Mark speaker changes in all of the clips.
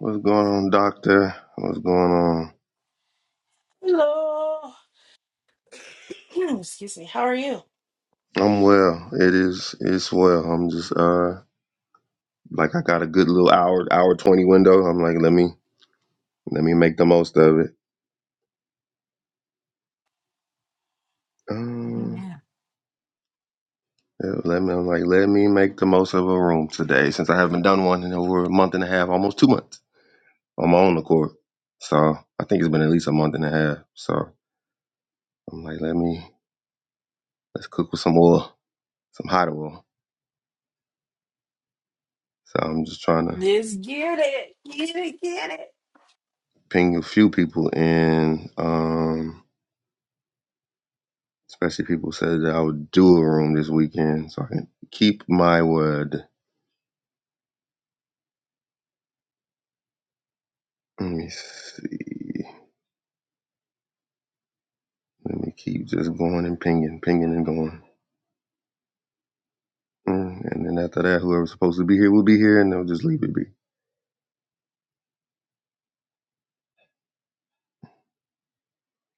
Speaker 1: What's going on, doctor? What's going on?
Speaker 2: Hello. Hmm, Excuse me. How are you?
Speaker 1: I'm well. It is it's well. I'm just uh like I got a good little hour hour twenty window. I'm like, let me let me make the most of it. Um yeah, let me I'm like, let me make the most of a room today since I haven't done one in over a month and a half, almost two months on my own accord. So I think it's been at least a month and a half. So I'm like, let me let's cook with some oil, some hot oil. So I'm just trying to
Speaker 2: Let's get it. Get it. Get it.
Speaker 1: ping a few people in. um Especially people said that I would do a room this weekend, so I can keep my word. Let me see. Let me keep just going and pinging, pinging and going. Mm, And then after that, whoever's supposed to be here will be here, and they'll just leave it be.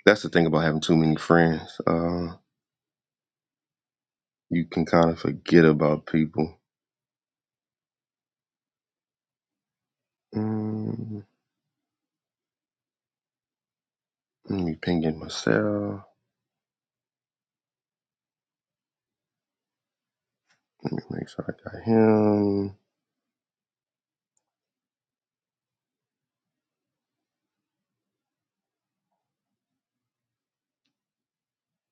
Speaker 1: That's the thing about having too many friends. Uh, you can kind of forget about people. Mm, let me ping in myself. Let me make sure I got him.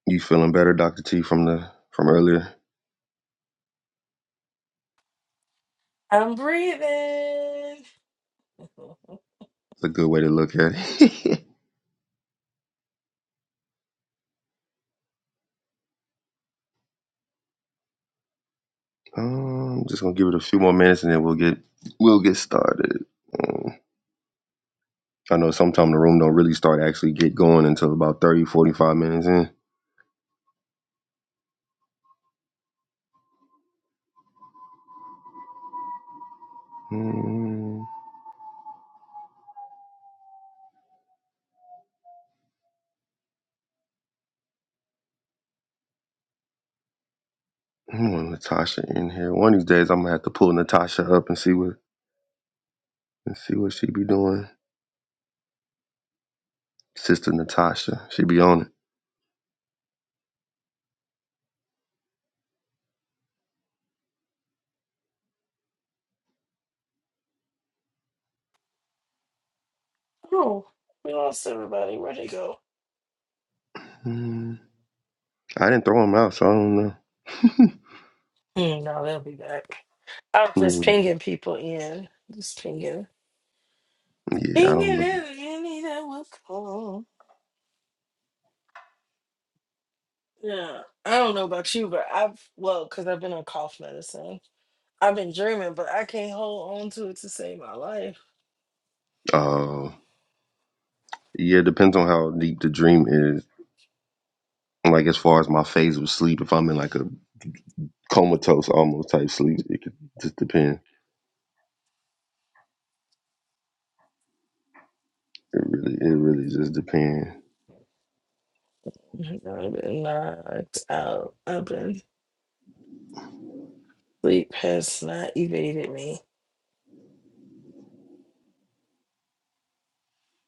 Speaker 1: You feeling better, Doctor T, from the from earlier?
Speaker 2: I'm breathing.
Speaker 1: It's a good way to look at it. Um, I'm just gonna give it a few more minutes and then we'll get we'll get started. Um, I know sometimes the room don't really start actually get going until about 30 45 minutes in. Mm, I want Natasha in here. One of these days I'm gonna have to pull Natasha up and see what and see what she be doing. Sister Natasha, she be on it.
Speaker 2: Oh, we lost everybody. Where'd they go?
Speaker 1: Mm, I didn't throw him out, so I don't know.
Speaker 2: Hmm, no, they'll be back. I'm just
Speaker 1: Mm,
Speaker 2: pinging people in. Just pinging.
Speaker 1: yeah, I don't.
Speaker 2: Pinging
Speaker 1: believe-
Speaker 2: any that will come. Yeah. I don't know about you, but I've, well, because I've been on cough medicine. I've been dreaming, but I can't hold on to it to save my life.
Speaker 1: Uh, yeah, it depends on how deep the dream is. Like as far as my phase of sleep, if I'm in like a comatose almost type sleep. It could just depend. It really, it really just depend.
Speaker 2: Mhm. I've been knocked out. I've been Sleep has not evaded me.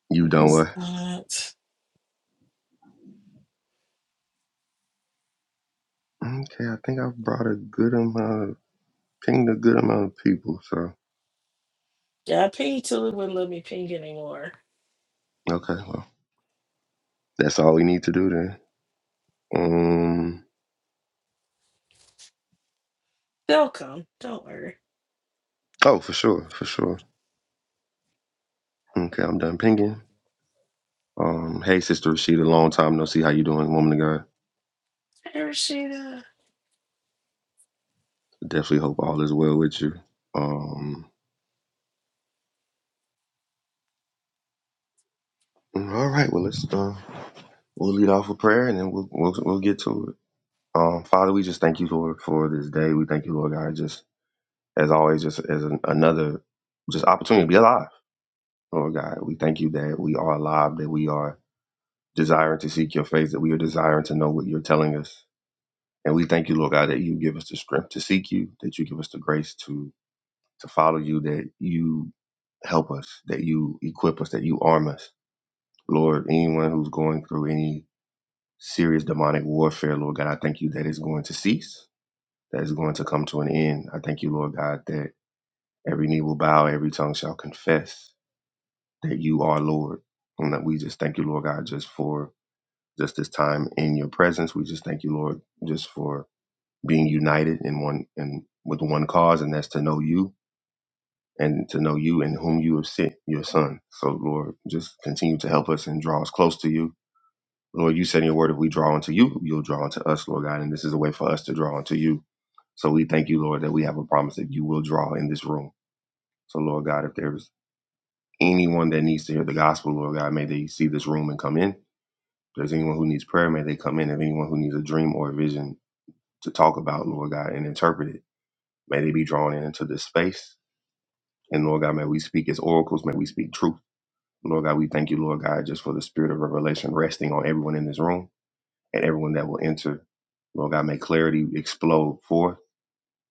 Speaker 1: You
Speaker 2: It
Speaker 1: done
Speaker 2: has
Speaker 1: what?
Speaker 2: not.
Speaker 1: Okay, I think I've brought a good amount, of, pinged a good amount of people. So
Speaker 2: Yeah, I pinged till it wouldn't let me ping anymore.
Speaker 1: okay, well, that's all we need to do then. Um,
Speaker 2: They'll come. Don't worry.
Speaker 1: oh, for sure, for sure. Okay, I'm done pinging. Um, hey, sister Rashida, long time no see. How you doing, woman of God?
Speaker 2: Hey, Rashida.
Speaker 1: Definitely hope all is well with you. Um, all right, well let's uh, we'll lead off with prayer and then we'll we'll, we'll get to it. Um, Father, we just thank you, Lord, for this day. We thank you, Lord God, just as always, just as an, another just opportunity to be alive, Lord God. We thank you that we are alive, that we are desiring to seek your face, that we are desiring to know what you're telling us. And we thank you, Lord God, that you give us the strength to seek you, that you give us the grace to to follow you, that you help us, that you equip us, that you arm us. Lord, anyone who's going through any serious demonic warfare, Lord God, I thank you that it's going to cease that is going to come to an end. I thank you, Lord God, that every knee will bow, every tongue shall confess that you are Lord. And that we just thank you, Lord God, just for just this time in your presence. We just thank you, Lord, just for being united in one and with one cause, and that's to know you and to know you and whom you have sent, your son. So Lord, just continue to help us and draw us close to you Lord, you said in your word, if we draw unto you, you'll draw unto us, Lord God. And this is a way for us to draw unto you. So we thank you, Lord, that we have a promise that you will draw in this room. So, Lord God, if there's anyone that needs to hear the gospel, Lord God, may they see this room and come in. If there's anyone who needs prayer, may they come in. If anyone who needs a dream or a vision to talk about, Lord God, and interpret it, may they be drawn in into this space. And Lord God, may we speak as oracles, may we speak truth. Lord God, we thank you, Lord God, just for the spirit of revelation resting on everyone in this room. and everyone that will enter. Lord God, may clarity explode forth.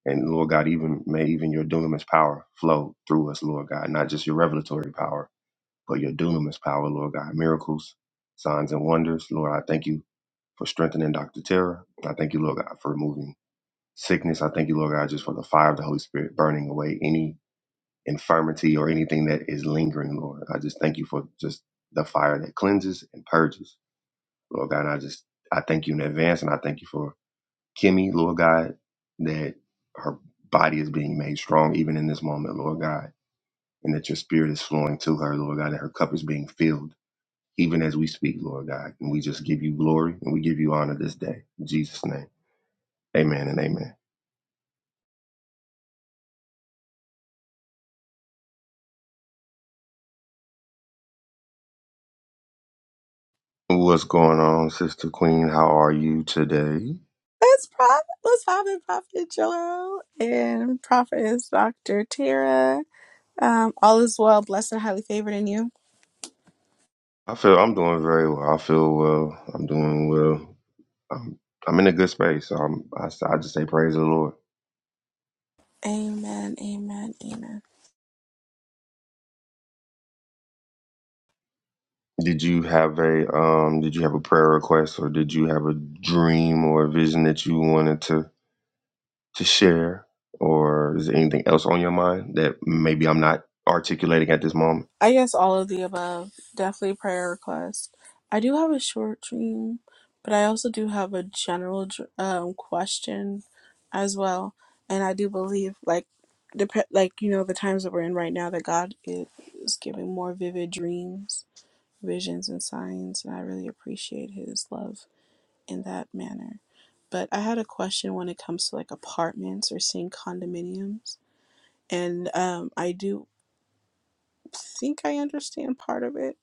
Speaker 1: And Lord God, even may even your dunamis power flow through us, Lord God, not just your revelatory power, but your dunamis power, Lord God, miracles, signs and wonders. Lord, I thank you for strengthening Dr. Tara. I thank you, Lord God, for removing sickness. I thank you, Lord God, just for the fire of the Holy Spirit burning away any infirmity or anything that is lingering, Lord. I just thank you for just the fire that cleanses and purges. Lord God, and I just I thank you in advance and I thank you for Kimmy, Lord God, that her body is being made strong even in this moment, Lord God, and that your spirit is flowing to her, Lord God, and her cup is being filled even as we speak, Lord God. And we just give you glory and we give you honor this day. In Jesus' name, amen and amen. What's going on, Sister Queen? How are you today?
Speaker 3: Let's Prophet, let's Prophet, Prophet Joel, and Prophet is Dr. Tara. Um, all is well, blessed and highly favored in you.
Speaker 1: I feel I'm doing very well. I feel well. I'm doing well. I'm, I'm in a good space. So I'm, I, I just say praise the Lord
Speaker 3: Amen, amen, amen.
Speaker 1: Did you have a um did you have a prayer request or did you have a dream or a vision that you wanted to to share or is there anything else on your mind that maybe I'm not articulating at this moment?
Speaker 3: I guess all of the above. Definitely prayer request. I do have a short dream, but I also do have a general dr- um, question as well. And I do believe, like, dep- like you know, the times that we're in right now, that God is giving more vivid dreams visions and signs, and I really appreciate his love in that manner. But I had a question when it comes to like apartments or seeing condominiums, and um, I do think I understand part of it,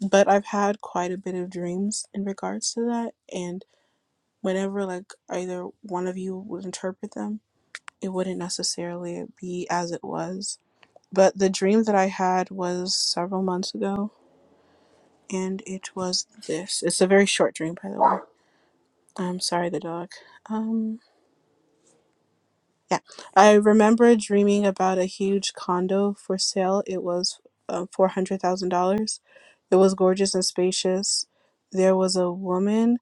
Speaker 3: but I've had quite a bit of dreams in regards to that, and whenever like either one of you would interpret them, it wouldn't necessarily be as it was. But the dream that I had was several months ago, and it was this. It's a very short dream, by the way I'm sorry, the dog. Um, yeah, I remember dreaming about a huge condo for sale. It was uh, four hundred thousand dollars. It was gorgeous and spacious. There was a woman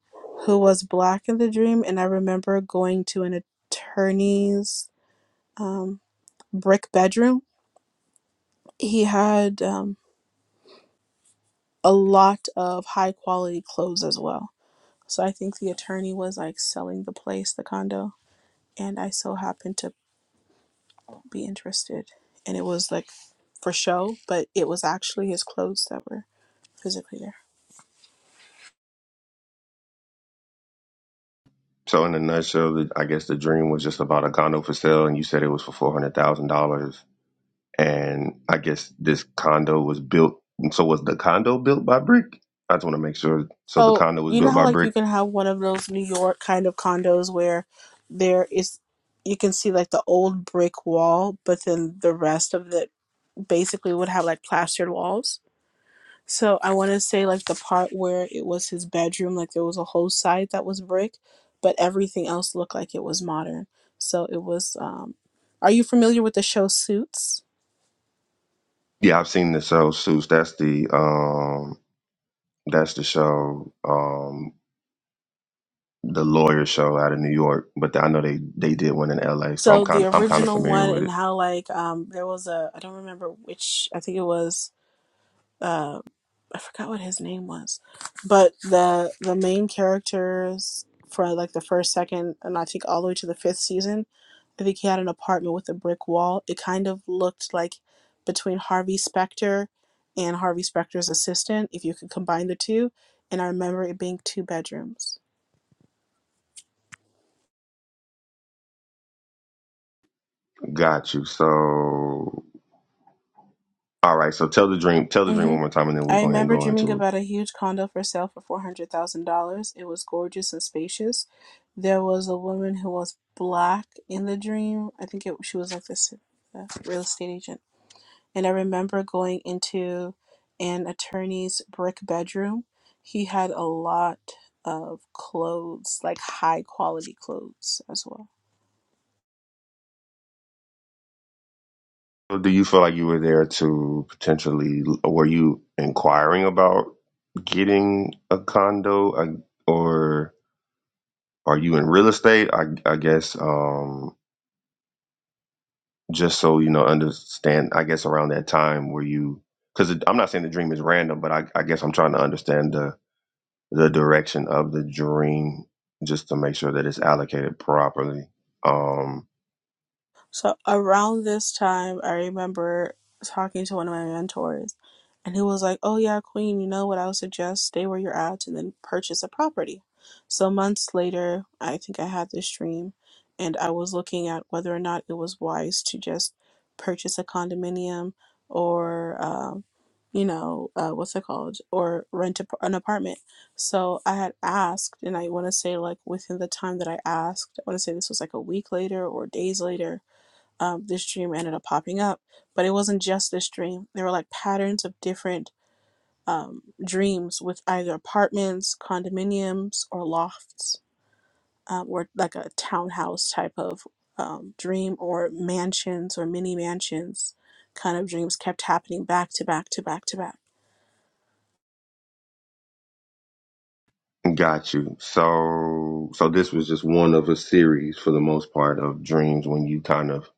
Speaker 3: who was black in the dream, and I remember going to an attorney's um, brick bedroom. He had um, a lot of high quality clothes as well. So I think the attorney was like selling the place, the condo, and I so happened to be interested. And it was like for show, but it was actually his clothes that were physically there.
Speaker 1: So in a nutshell, the- I guess the dream was just about a condo for sale and you said it was for $400,000 and I guess this condo was built so was the condo built by brick? I just want to make sure so the
Speaker 3: So
Speaker 1: condo was
Speaker 3: you know
Speaker 1: built
Speaker 3: how
Speaker 1: by
Speaker 3: like you
Speaker 1: brick.
Speaker 3: can have one of those New York kind of condos where there is you can see like the old brick wall, but then the rest of it basically would have like plastered walls. So I want to say like the part where it was his bedroom, like there was a whole side that was brick, but everything else looked like it was modern. So it was um are you familiar with the show Suits?
Speaker 1: Yeah, I've seen the sell suits. That's the um That's the show, um, the lawyer show out of New York. But I know they they did one in L.A., so I'm
Speaker 3: So the
Speaker 1: kind of I'm kind of
Speaker 3: original
Speaker 1: familiar
Speaker 3: one
Speaker 1: with
Speaker 3: and
Speaker 1: it.
Speaker 3: how like um there was a I don't remember which I think it was uh I forgot what his name was, but the the main characters for like the first second and I think all the way to the fifth season, I think he had an apartment with a brick wall. It kind of looked like between Harvey Specter and Harvey Specter's assistant if you could combine the two, and I remember it being two bedrooms.
Speaker 1: Got you. So all right. So tell the dream, tell the dream
Speaker 3: hmm
Speaker 1: one more time, and then we'll
Speaker 3: I
Speaker 1: go ahead and
Speaker 3: remember
Speaker 1: go
Speaker 3: dreaming
Speaker 1: into it.
Speaker 3: about a huge condo for sale for $400,000. It was gorgeous and spacious. There was a woman who was black in the dream. I think it, she was like this uh, real estate agent. And I remember going into an attorney's brick bedroom. He had a lot of clothes, like high quality clothes as well.
Speaker 1: So Do you feel like you were there to potentially? Were you inquiring about getting a condo, I- or are you in real estate? I, I guess. Um, just so you know understand i guess around that time where you because i'm not saying the dream is random but I, I guess i'm trying to understand the the direction of the dream just to make sure that it's allocated properly um
Speaker 3: So around this time, I remember talking to one of my mentors, and he was like, "Oh yeah, Queen, you know what? I would suggest stay where you're at and then purchase a property." So months later, I think I had this dream, and I was looking at whether or not it was wise to just purchase a condominium or, um, you know, uh, what's it called, or rent a, an apartment. So I had asked, and I want to say like within the time that I asked, I want to say this was like a week later or days later um, this dream ended up popping up. But it wasn't just this dream. There were like patterns of different um, dreams with either apartments, condominiums, or lofts, um, or like a townhouse type of um, dream, or mansions or mini mansions kind of dreams kept happening back to back to back to back.
Speaker 1: got you so so this was just one of a series for the most part of dreams when you kind of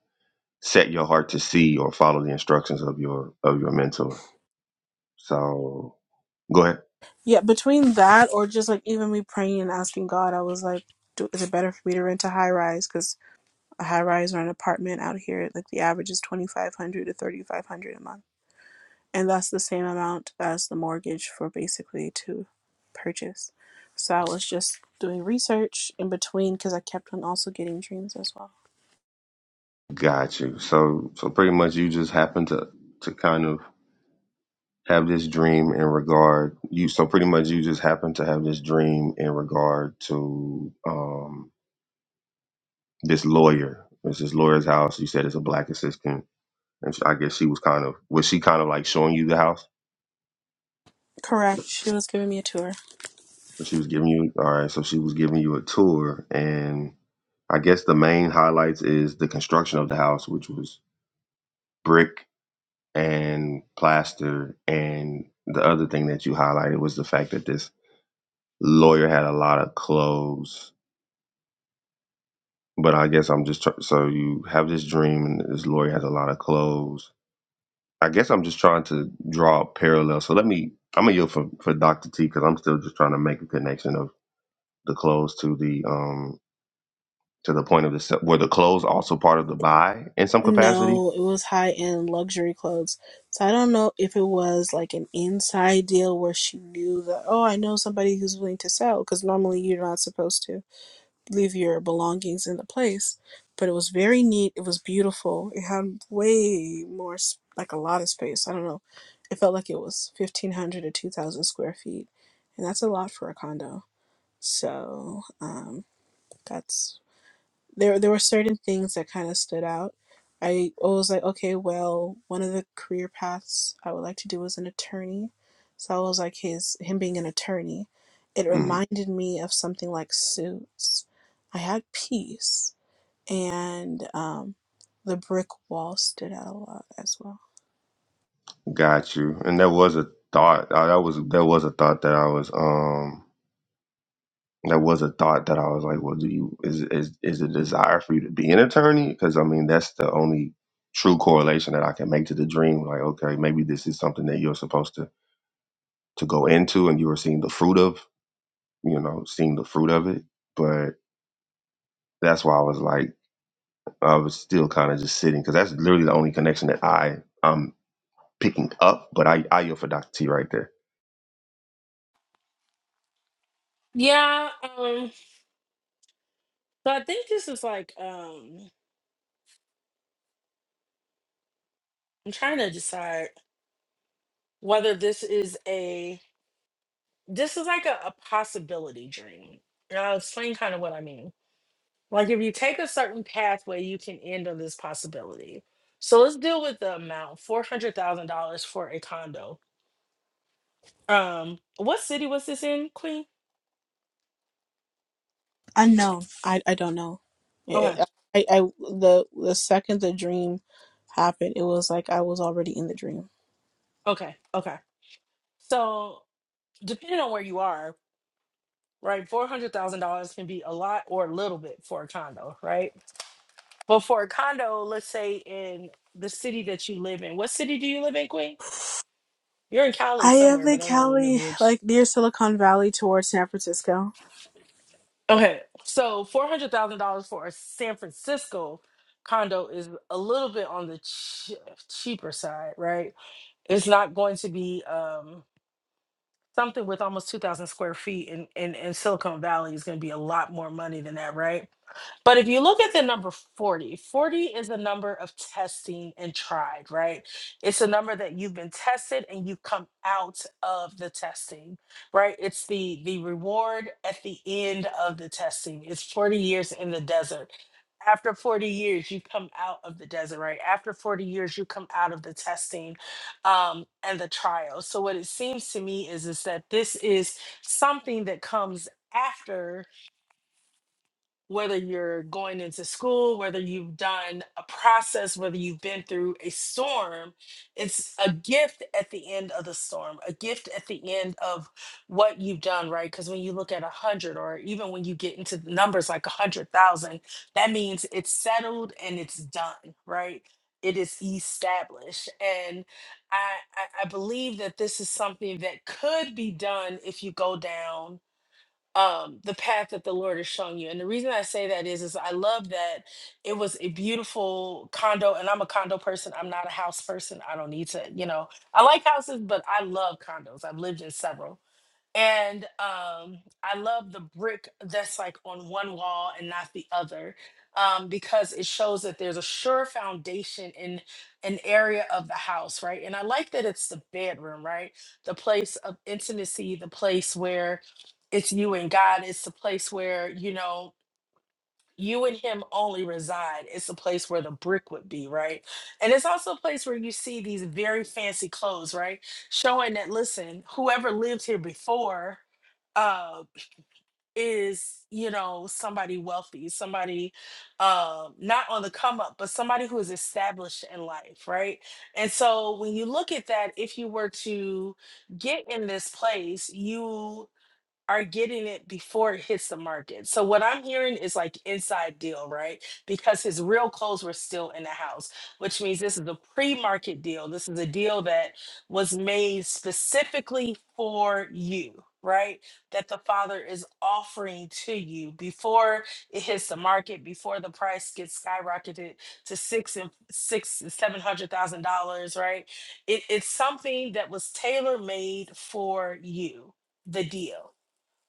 Speaker 1: set your heart to see or follow the instructions of your of your mentor so go ahead
Speaker 3: Yeah, between that or just like even me praying and asking God, I was like, do, is it better for me to rent a high rise? Because a high rise or an apartment out here, like the average is 2500 to 3500 a month and that's the same amount as the mortgage for basically to purchase. So I was just doing research in between because I kept on also getting dreams as well.
Speaker 1: got you so so pretty much you just happen to to kind of have this dream in regard you so pretty much you just happen to have this dream in regard to um this lawyer it's this lawyer's house you said it's a black assistant and i guess she was kind of was she kind of like showing you the house
Speaker 3: Correct. She was giving me a tour.
Speaker 1: Or she was giving you all right so she was giving you a tour and i guess the main highlights is the construction of the house which was brick and plaster and the other thing that you highlighted was the fact that this lawyer had a lot of clothes But I guess I'm just tr- so you have this dream, and this lawyer has a lot of clothes. I guess I'm just trying to draw a parallel. So let me. I'm gonna yield for for Doctor T because I'm still just trying to make a connection of the clothes to the um to the point of the se- were the clothes also part of the buy in some capacity.
Speaker 3: No, it was high end luxury clothes. So I don't know if it was like an inside deal where she knew that, oh, I know somebody who's willing to sell because normally you're not supposed to. leave your belongings in the place. But it was very neat. It was beautiful. It had way more, like a lot of space. I don't know. It felt like it was 1,500 or 2,000 square feet. And that's a lot for a condo. So um, that's there there were certain things that kind of stood out. I was like, okay, well, one of the career paths I would like to do is an attorney. So I was like his him being an attorney. It
Speaker 1: Mm,
Speaker 3: reminded me of something like suits. I had peace and um the brick wall stood out a lot as well.
Speaker 1: got you. And there was a thought. Uh, that was there was a thought that I was um That was a thought that I was like, well, do you is is is a desire for you to be an attorney? Because I mean, that's the only true correlation that I can make to the dream. Like, okay, maybe this is something that you're supposed to to go into, and you were seeing the fruit of, you know, seeing the fruit of it. But that's why I was like, I was still kind of just sitting because that's literally the only connection that I I'm picking up. But I I yield for Dr. T right there.
Speaker 2: Yeah, um, so I think this is like um I'm trying to decide whether this is a this is like a, a possibility dream. And I'll explain kind of what I mean. Like if you take a certain pathway, you can end on this possibility. So let's deal with the amount, four hundred thousand dollars for a condo. Um, what city was this in, Queen?
Speaker 3: Unknown. I I don't know.
Speaker 2: Okay,
Speaker 3: It- I, I the the second the dream happened, it was like I was already in the dream.
Speaker 2: okay, okay. So depending on where you are, right, four hundred thousand dollars can be a lot or a little bit for a condo, right? But for a condo, let's say in the city that you live in, what city do you live in, Queen? You're in Cali
Speaker 3: I am
Speaker 2: somewhere, but
Speaker 3: in
Speaker 2: I don't remember
Speaker 3: Cali,
Speaker 2: which.
Speaker 3: like near Silicon Valley towards San Francisco.
Speaker 2: Okay, so four hundred thousand dollars for a San Francisco condo is a little bit on the ch- cheaper side, right? It's not going to be. um. something with almost 2000 square feet in, in, in silicon valley is going to be a lot more money than that right but if you look at the number 40, 40 is a number of testing and tried, right? It's a number that you've been tested and you've come out of the testing, right? It's the the reward at the end of the testing. It's 40 years in the desert. After 40 years, you come out of the desert, right? After 40 years, you come out of the testing um, and the trial. So what it seems to me is, is that this is something that comes after whether you're going into school, whether you've done a process, whether you've been through a storm, it's a gift at the end of the storm, a gift at the end of what you've done, right? Because when you look at a hundred, or even when you get into the numbers like a hundred thousand, that means it's settled and it's done, right? It is established. And I, I, I believe that this is something that could be done if you go down um the path that the lord is showing you and the reason i say that is is i love that it was a beautiful condo and i'm a condo person i'm not a house person i don't need to you know i like houses but i love condos i've lived in several and um, I love the brick that's like on one wall and not the other um, because it shows that there's a sure foundation in an area of the house, right? And I like that it's the bedroom, right? The place of intimacy, the place where it's you and God. It's the place where, you know, you and him only reside. It's a place where the brick would be, right? And it's also a place where you see these very fancy clothes, right? Showing that, listen, whoever lived here before uh is you know somebody wealthy somebody um not on the come up but somebody who is established in life right and so when you look at that if you were to get in this place you are getting it before it hits the market. So what I'm hearing is like inside deal, right? Because his real clothes were still in the house, which means this is a pre-market deal. This is a deal that was made specifically for you, right? That the father is offering to you before it hits the market, before the price gets skyrocketed to six and six and seven hundred thousand dollars, right? It, it's something that was tailor made for you, the deal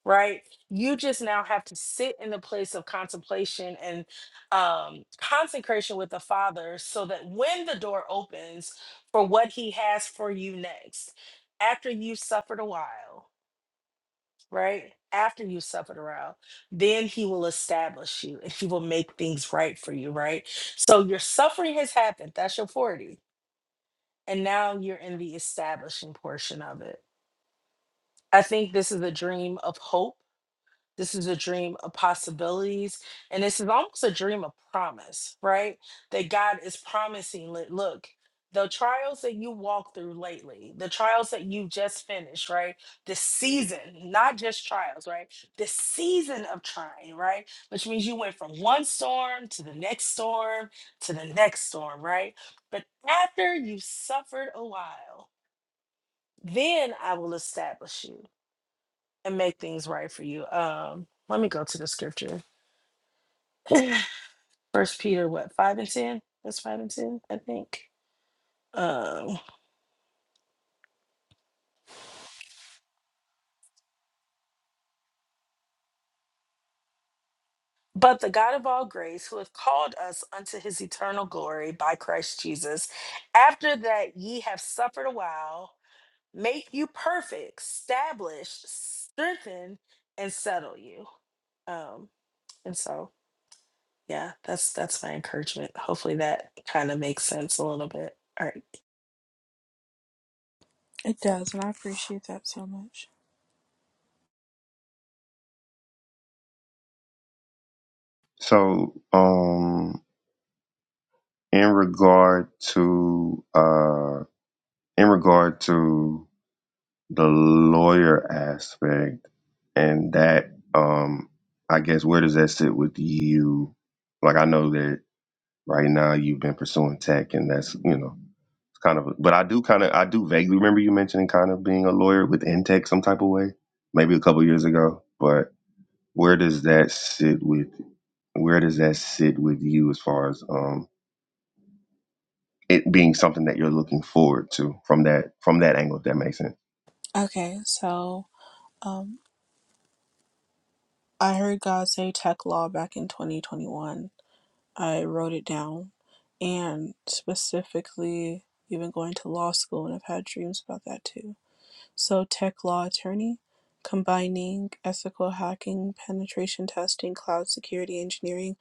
Speaker 2: right? You just now have to sit in the place of contemplation and um, consecration with the Father so that when the door opens for what He has for you next, after you've suffered a while, right? After you've suffered a while, then He will establish you and He will make things right for you, right? So your suffering has happened. That's your 40. And now you're in the establishing portion of it. I think this is a dream of hope This is a dream of possibilities. And this is almost a dream of promise, right? That God is promising, li- look, the trials that you walked through lately, the trials that you just finished, right? The season, not just trials, right? The season of trying, right? Which means you went from one storm to the next storm to the next storm, right? But after you've suffered a while, then I will establish you and make things right for you. Um, let me go to the scripture. First Peter, what five and ten? That's five and ten, I think. Um, but the God of all grace, who hath called us unto His eternal glory by Christ Jesus, after that ye have suffered a while, make you perfect, establish, strengthen, and settle you. Um, and so, yeah, that's that's my encouragement. Hopefully, that kind of makes sense a little bit. All right.
Speaker 3: It does, and I appreciate that so much.
Speaker 1: So, um, in regard to uh, in regard to the lawyer aspect and that um I guess where does that sit with you? Like I know that right now you've been pursuing tech and that's you know it's kind of but I do kind of I do vaguely remember you mentioning kind of being a lawyer within tech some type of way maybe a couple years ago but where does that sit with where does that sit with you as far as um it being something that you're looking forward to from that from that angle if that makes sense
Speaker 3: Okay, so um, I heard God say tech law back in 2021. I wrote it down, and specifically, even going to law school, and I've had dreams about that too. So tech law attorney, combining ethical hacking, penetration testing, cloud security engineering,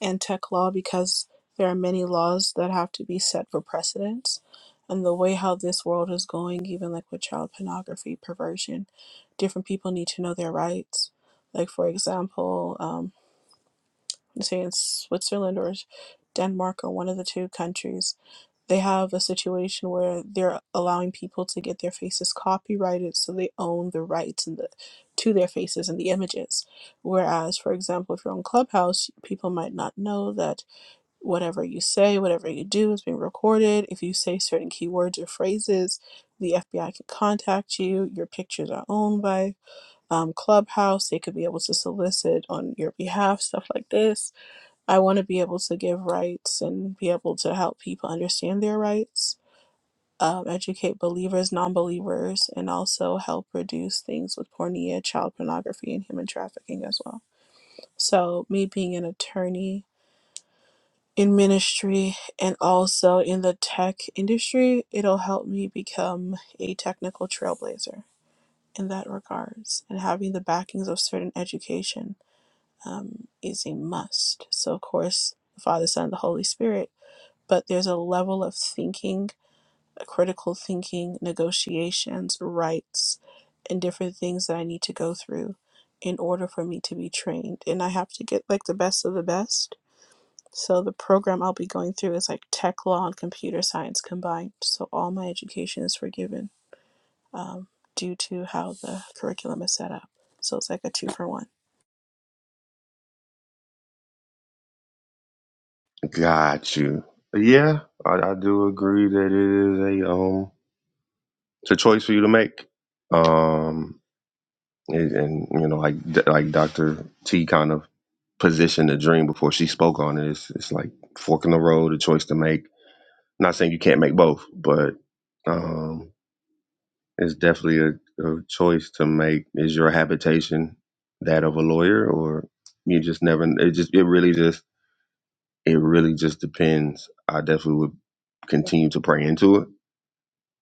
Speaker 3: and tech law because there are many laws that have to be set for precedence. And the way how this world is going, even like with child pornography, perversion, different people need to know their rights. Like, for example, um, say in Switzerland or Denmark or one of the two countries, they have a situation where they're allowing people to get their faces copyrighted so they own the rights and the to their faces and the images whereas for example if you're on clubhouse people might not know that whatever you say whatever you do is being recorded if you say certain keywords or phrases the fbi can contact you your pictures are owned by um, clubhouse they could be able to solicit on your behalf stuff like this i want to be able to give rights and be able to help people understand their rights um, educate believers, non believers, and also help reduce things with pornea, child pornography, and human trafficking as well. So, me being an attorney in ministry and also in the tech industry, it'll help me become a technical trailblazer in that regards. And having the backings of certain education um, is a must. So, of course, the Father, Son, and the Holy Spirit, but there's a level of thinking critical thinking, negotiations, rights, and different things that I need to go through in order for me to be trained. And I have to get like the best of the best. So the program I'll be going through is like tech law and computer science combined. So all my education is forgiven um, due to how the curriculum is set up. So it's like a two for one.
Speaker 1: Got you. Yeah, I, I do agree that it is a um, it's a choice for you to make. Um, and, and you know, like like Doctor T kind of positioned the dream before she spoke on it. It's, it's like fork in the road, a choice to make. Not saying you can't make both, but um, it's definitely a, a choice to make. Is your habitation that of a lawyer, or you just never? It just it really just It really just depends. I definitely would continue to pray into it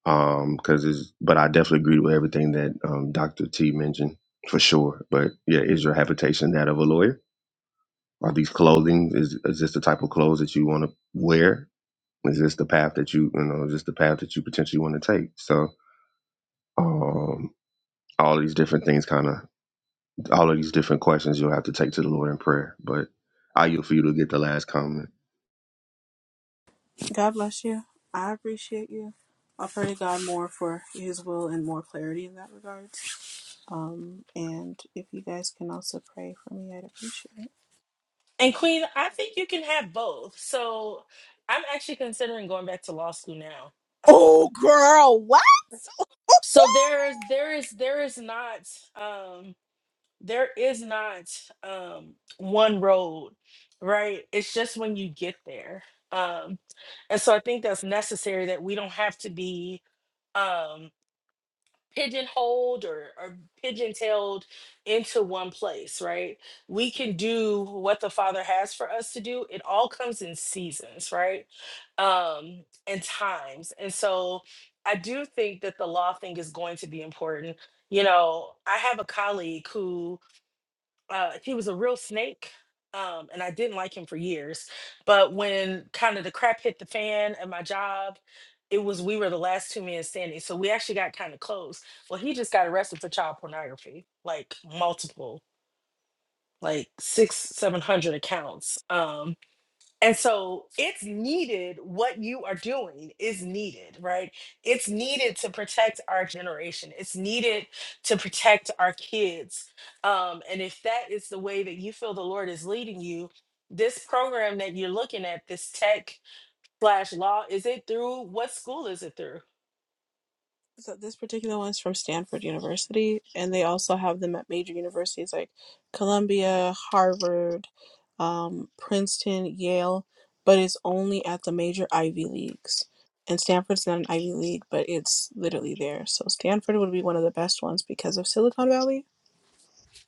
Speaker 1: um because it's but i definitely agree with everything that um dr t mentioned for sure but yeah is your habitation that of a lawyer are these clothing is, is this the type of clothes that you want to wear is this the path that you you know is this the path that you potentially want to take so um all these different things kind of all of these different questions you'll have to take to the lord in prayer but i yield for you to get the last comment
Speaker 3: God bless you. I appreciate you. I'll pray to God more for His will and more clarity in that regard. Um, and if you guys can also pray for me, I'd appreciate it.
Speaker 2: And Queen, I think you can have both. So I'm actually considering going back to law school now. Um, so there is there is there is not um, there is not um, one road, right? It's just when you get there. Um, and so I think that's necessary that we don't have to be um, pigeonholed or, or pigeon-tailed into one place, right? We can do what the Father has for us to do. It all comes in seasons, right? Um, and times. And so I do think that the law thing is going to be important. You know, I have a colleague who uh he was a real snake um and i didn't like him for years but when kind of the crap hit the fan at my job it was we were the last two men standing so we actually got kind of close well he just got arrested for child pornography like multiple like six seven hundred accounts um and so it's needed. What you are doing is needed, right? It's needed to protect our generation. It's needed to protect our kids. Um, and if that is the way that you feel the Lord is leading you, this program that you're looking at, this tech slash law, is it through what school is it through?
Speaker 3: So this particular one is from Stanford University, and they also have them at major universities like Columbia, Harvard, um, Princeton, Yale, but it's only at the major Ivy leagues. And Stanford's not an Ivy League, but it's literally there. So Stanford would be one of the best ones because of Silicon Valley.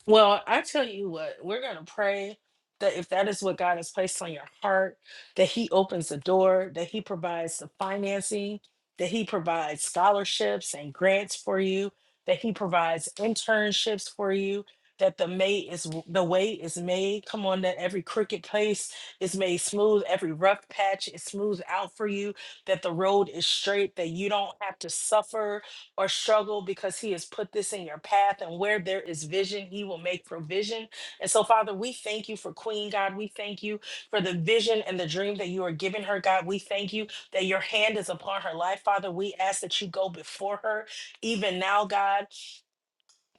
Speaker 2: Well, I tell you what, we're going to pray that if that is what God has placed on your heart, that He opens the door, that He provides the financing, that He provides scholarships and grants for you, that He provides internships for you. That the may is w- the way is made. Come on, that every crooked place is made smooth, every rough patch is smoothed out for you. That the road is straight, that you don't have to suffer or struggle because He has put this in your path. And where there is vision, He will make provision. And so, Father, we thank you for Queen God. We thank you for the vision and the dream that you are giving her, God. We thank you that your hand is upon her life, Father. We ask that you go before her even now, God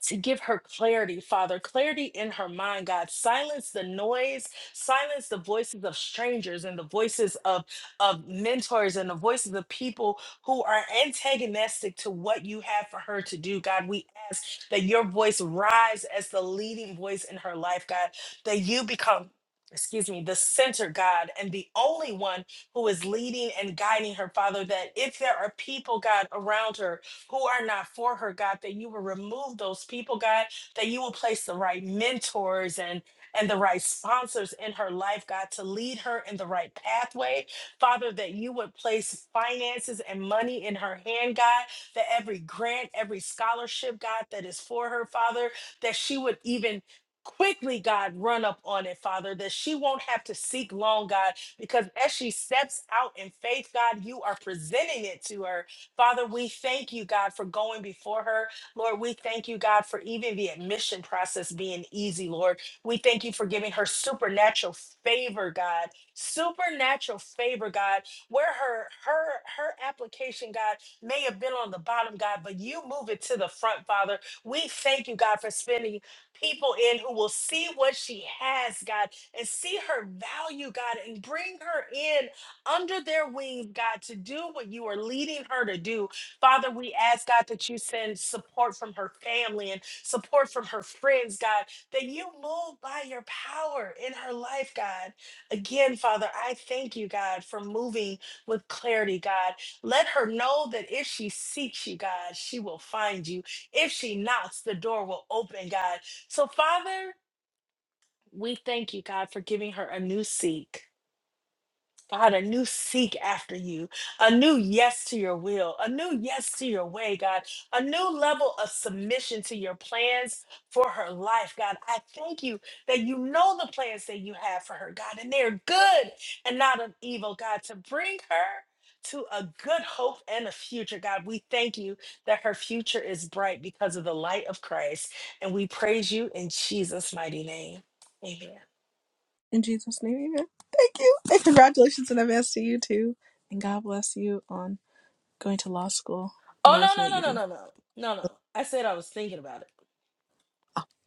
Speaker 2: to give her clarity, Father, clarity in her mind, God. Silence the noise, silence the voices of strangers and the voices of, of mentors and the voices of people who are antagonistic to what you have for her to do, God. We ask that your voice rise as the leading voice in her life, God, that you become. Excuse me, the center God and the only one who is leading and guiding her, Father. That if there are people, God, around her who are not for her, God, that you will remove those people, God, that you will place the right mentors and and the right sponsors in her life, God, to lead her in the right pathway. Father, that you would place finances and money in her hand, God, that every grant, every scholarship, God, that is for her, Father, that she would even quickly, God, run up on it, Father, that she won't have to seek long, God, because as she steps out in faith, God, you are presenting it to her Father, we thank you, God, for going before her. Lord, we thank you, God, for even the admission process being easy, Lord. We thank you for giving her supernatural favor, God. Supernatural favor, God, where her her her application, God, may have been on the bottom, God, but you move it to the front, Father. We thank you, God, for spending people in who will see what she has, God, and see her value, God, and bring her in under their wings, God, to do what you are leading her to do. Father, we ask, God, that you send support from her family and support from her friends, God, that you move by your power in her life, God. Again, Father, I thank you, God, for moving with clarity, God. Let her know that if she seeks you, God, she will find you. If she knocks, the door will open, God. So, Father, we thank you, God, for giving her a new seek God, a new seek after you, a new yes to your will, a new yes to your way, God, a new level of submission to your plans for her life, God. I thank you that you know the plans that you have for her, God, and they're good and not of evil, God, to bring her to a good hope and a future, God. We thank you that her future is bright because of the light of Christ, and we praise you in Jesus' mighty name. Amen.
Speaker 3: In Jesus' name, amen. Thank you. And congratulations in advance to you too. And God bless you on going to law school and
Speaker 2: Oh,
Speaker 3: everything that
Speaker 2: no, no,
Speaker 3: you
Speaker 2: no,
Speaker 3: do.
Speaker 2: no, no, no, no, no. I said I was thinking about it.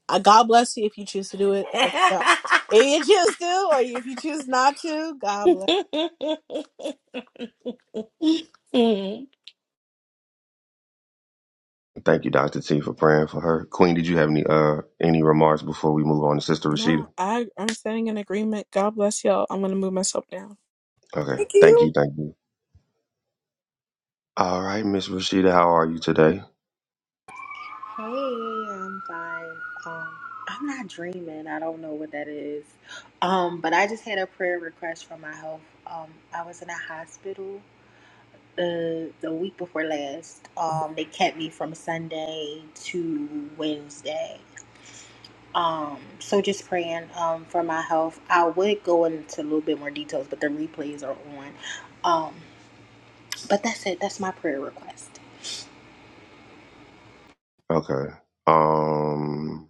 Speaker 3: Uh, God bless you if you choose to do it, or if you don't. If you choose to, or if you choose not to, God bless.
Speaker 2: yep,
Speaker 1: Thank you, Dr. T, for praying for her. Queen, did you have any uh any remarks before we move on to Sister Rashida?
Speaker 3: No, I, I'm standing in agreement. God bless y'all. I'm gonna move myself down.
Speaker 1: Okay.
Speaker 3: Thank
Speaker 1: Thank
Speaker 3: you.
Speaker 1: you, thank you. All right, Miss Rashida, how are you today?
Speaker 4: Hey, I'm fine. Um, I'm not dreaming. I don't know what that is. Um, but I just had a prayer request for my health. Um, I was in a hospital uh, the week before last. Um, they kept me from Sunday to Wednesday. Um, so just praying um for my health. I would go into a little bit more details, but the replays are on. Um, but that's it. That's my prayer request.
Speaker 1: Okay. Um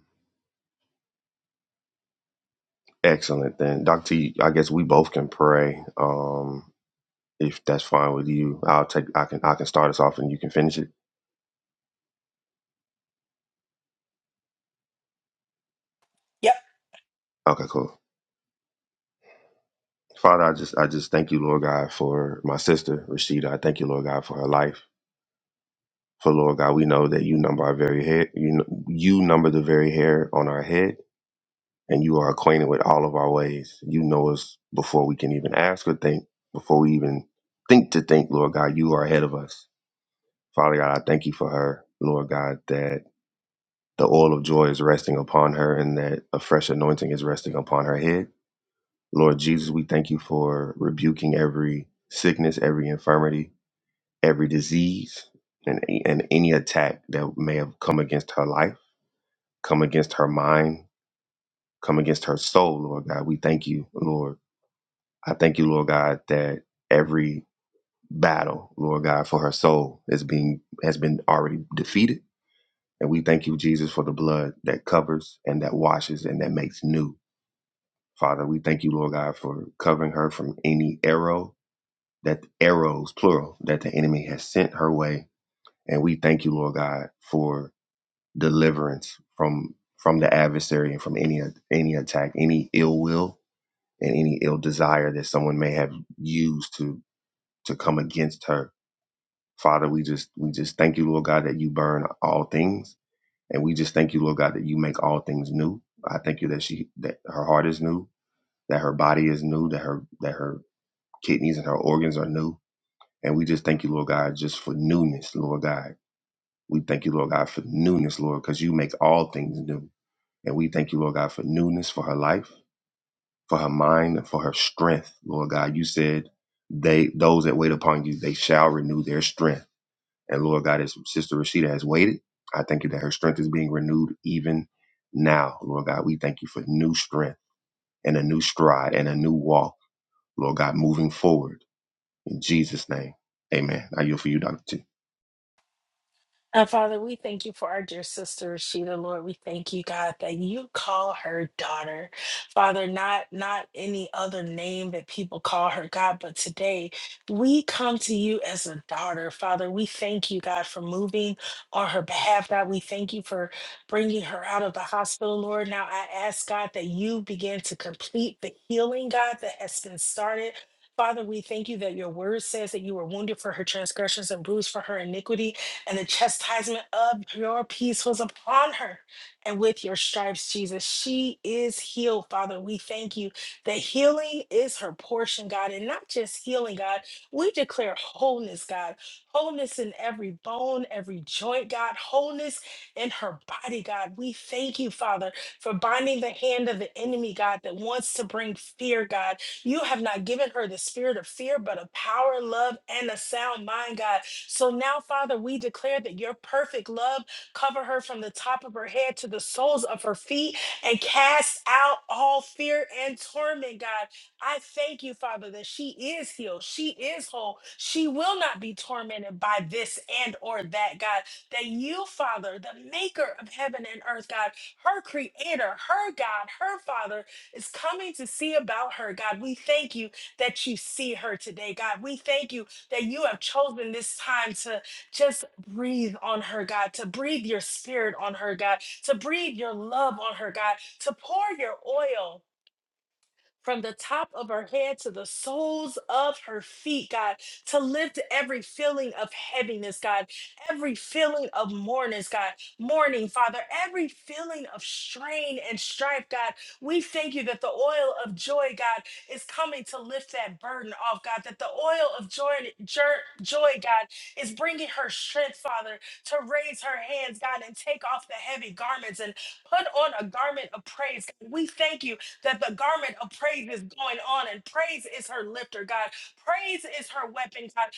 Speaker 1: excellent then. Dr. T, I guess we both can pray. Um if that's fine with you. I'll take I can I can start us off and you can finish it. Okay, cool. Father, I just I just thank you, Lord God, for my sister Rashida. I thank you, Lord God, for her life. For Lord God, we know that you number our very hair. You kn- you number the very hair on our head. and you are acquainted with all of our ways. You know us before we can even ask or think, before we even think to think, Lord God, you are ahead of us. Father God, I thank you for her, Lord God, that the oil of joy is resting upon her and that a fresh anointing is resting upon her head. Lord Jesus, we thank you for rebuking every sickness, every infirmity, every disease, and, and any attack that may have come against her life, come against her mind, come against her soul, Lord God. We thank you, Lord I thank you, Lord God, that every battle, Lord God, for her soul is being has been already defeated. And we thank you, Jesus, for the blood that covers and that washes and that makes new. Father, we thank you, Lord God, for covering her from any arrow that arrows, plural, that the enemy has sent her way. And we thank you, Lord God, for deliverance from from the adversary and from any any attack, any ill will and any ill desire that someone may have used to to come against her. Father, we just we just thank you, Lord God, that you burn all things. And we just thank you, Lord God, that you make all things new. I thank you that she that her heart is new, that her body is new, that her that her kidneys and her organs are new. And we just thank you, Lord God, just for newness, Lord God. We thank you, Lord God, for newness, Lord, because you make all things new. And we thank you, Lord God, for newness for her life, for her mind, and for her strength, Lord God. You said they those that wait upon you, they shall renew their strength. And Lord God, as Sister Rashida has waited, I thank you that her strength is being renewed even now. Lord God, we thank you for new strength and a new stride and a new walk. Lord God, moving forward in Jesus' name. Amen. I yield for you, Dr. T.
Speaker 2: And Father, we thank you for our dear sister Rashida, Lord. We thank you, God, that you call her daughter. Father, not not any other name that people call her, God, but today we come to you as a daughter. Father, we thank you, God, for moving on her behalf. God, we thank you for bringing her out of the hospital, Lord. Now I ask, God, that you begin to complete the healing, God, that has been started. Father, we thank you that your word says that you were wounded for her transgressions and bruised for her iniquity and the chastisement of your peace was upon her. And with your stripes, Jesus, she is healed, Father. We thank you that healing is her portion, God, and not just healing, God. We declare wholeness, God, wholeness in every bone, every joint, God, wholeness in her body, God. We thank you, Father, for binding the hand of the enemy, God, that wants to bring fear, God. You have not given her the spirit of fear, but of power, love, and a sound mind, God. So now, Father, we declare that your perfect love cover her from the top of her head to the soles of her feet and cast out all fear and torment, God. I thank you, Father, that she is healed. She is whole. She will not be tormented by this and or that, God. That you, Father, the maker of heaven and earth, God, her creator, her God, her Father, is coming to see about her, God. We thank you that you see her today, God. We thank you that you have chosen this time to just breathe on her, God, to breathe your spirit on her, God, to breathe your love on her, God, to pour your oil from the top of her head to the soles of her feet, God, to lift every feeling of heaviness, God, every feeling of mournings, God, mourning, Father, every feeling of strain and strife, God. We thank you that the oil of joy, God, is coming to lift that burden off, God, that the oil of joy, jur- joy, God, is bringing her strength, Father, to raise her hands, God, and take off the heavy garments and put on a garment of praise. God. We thank you that the garment of praise is going on and praise is her lifter, God. Praise is her weapon, God.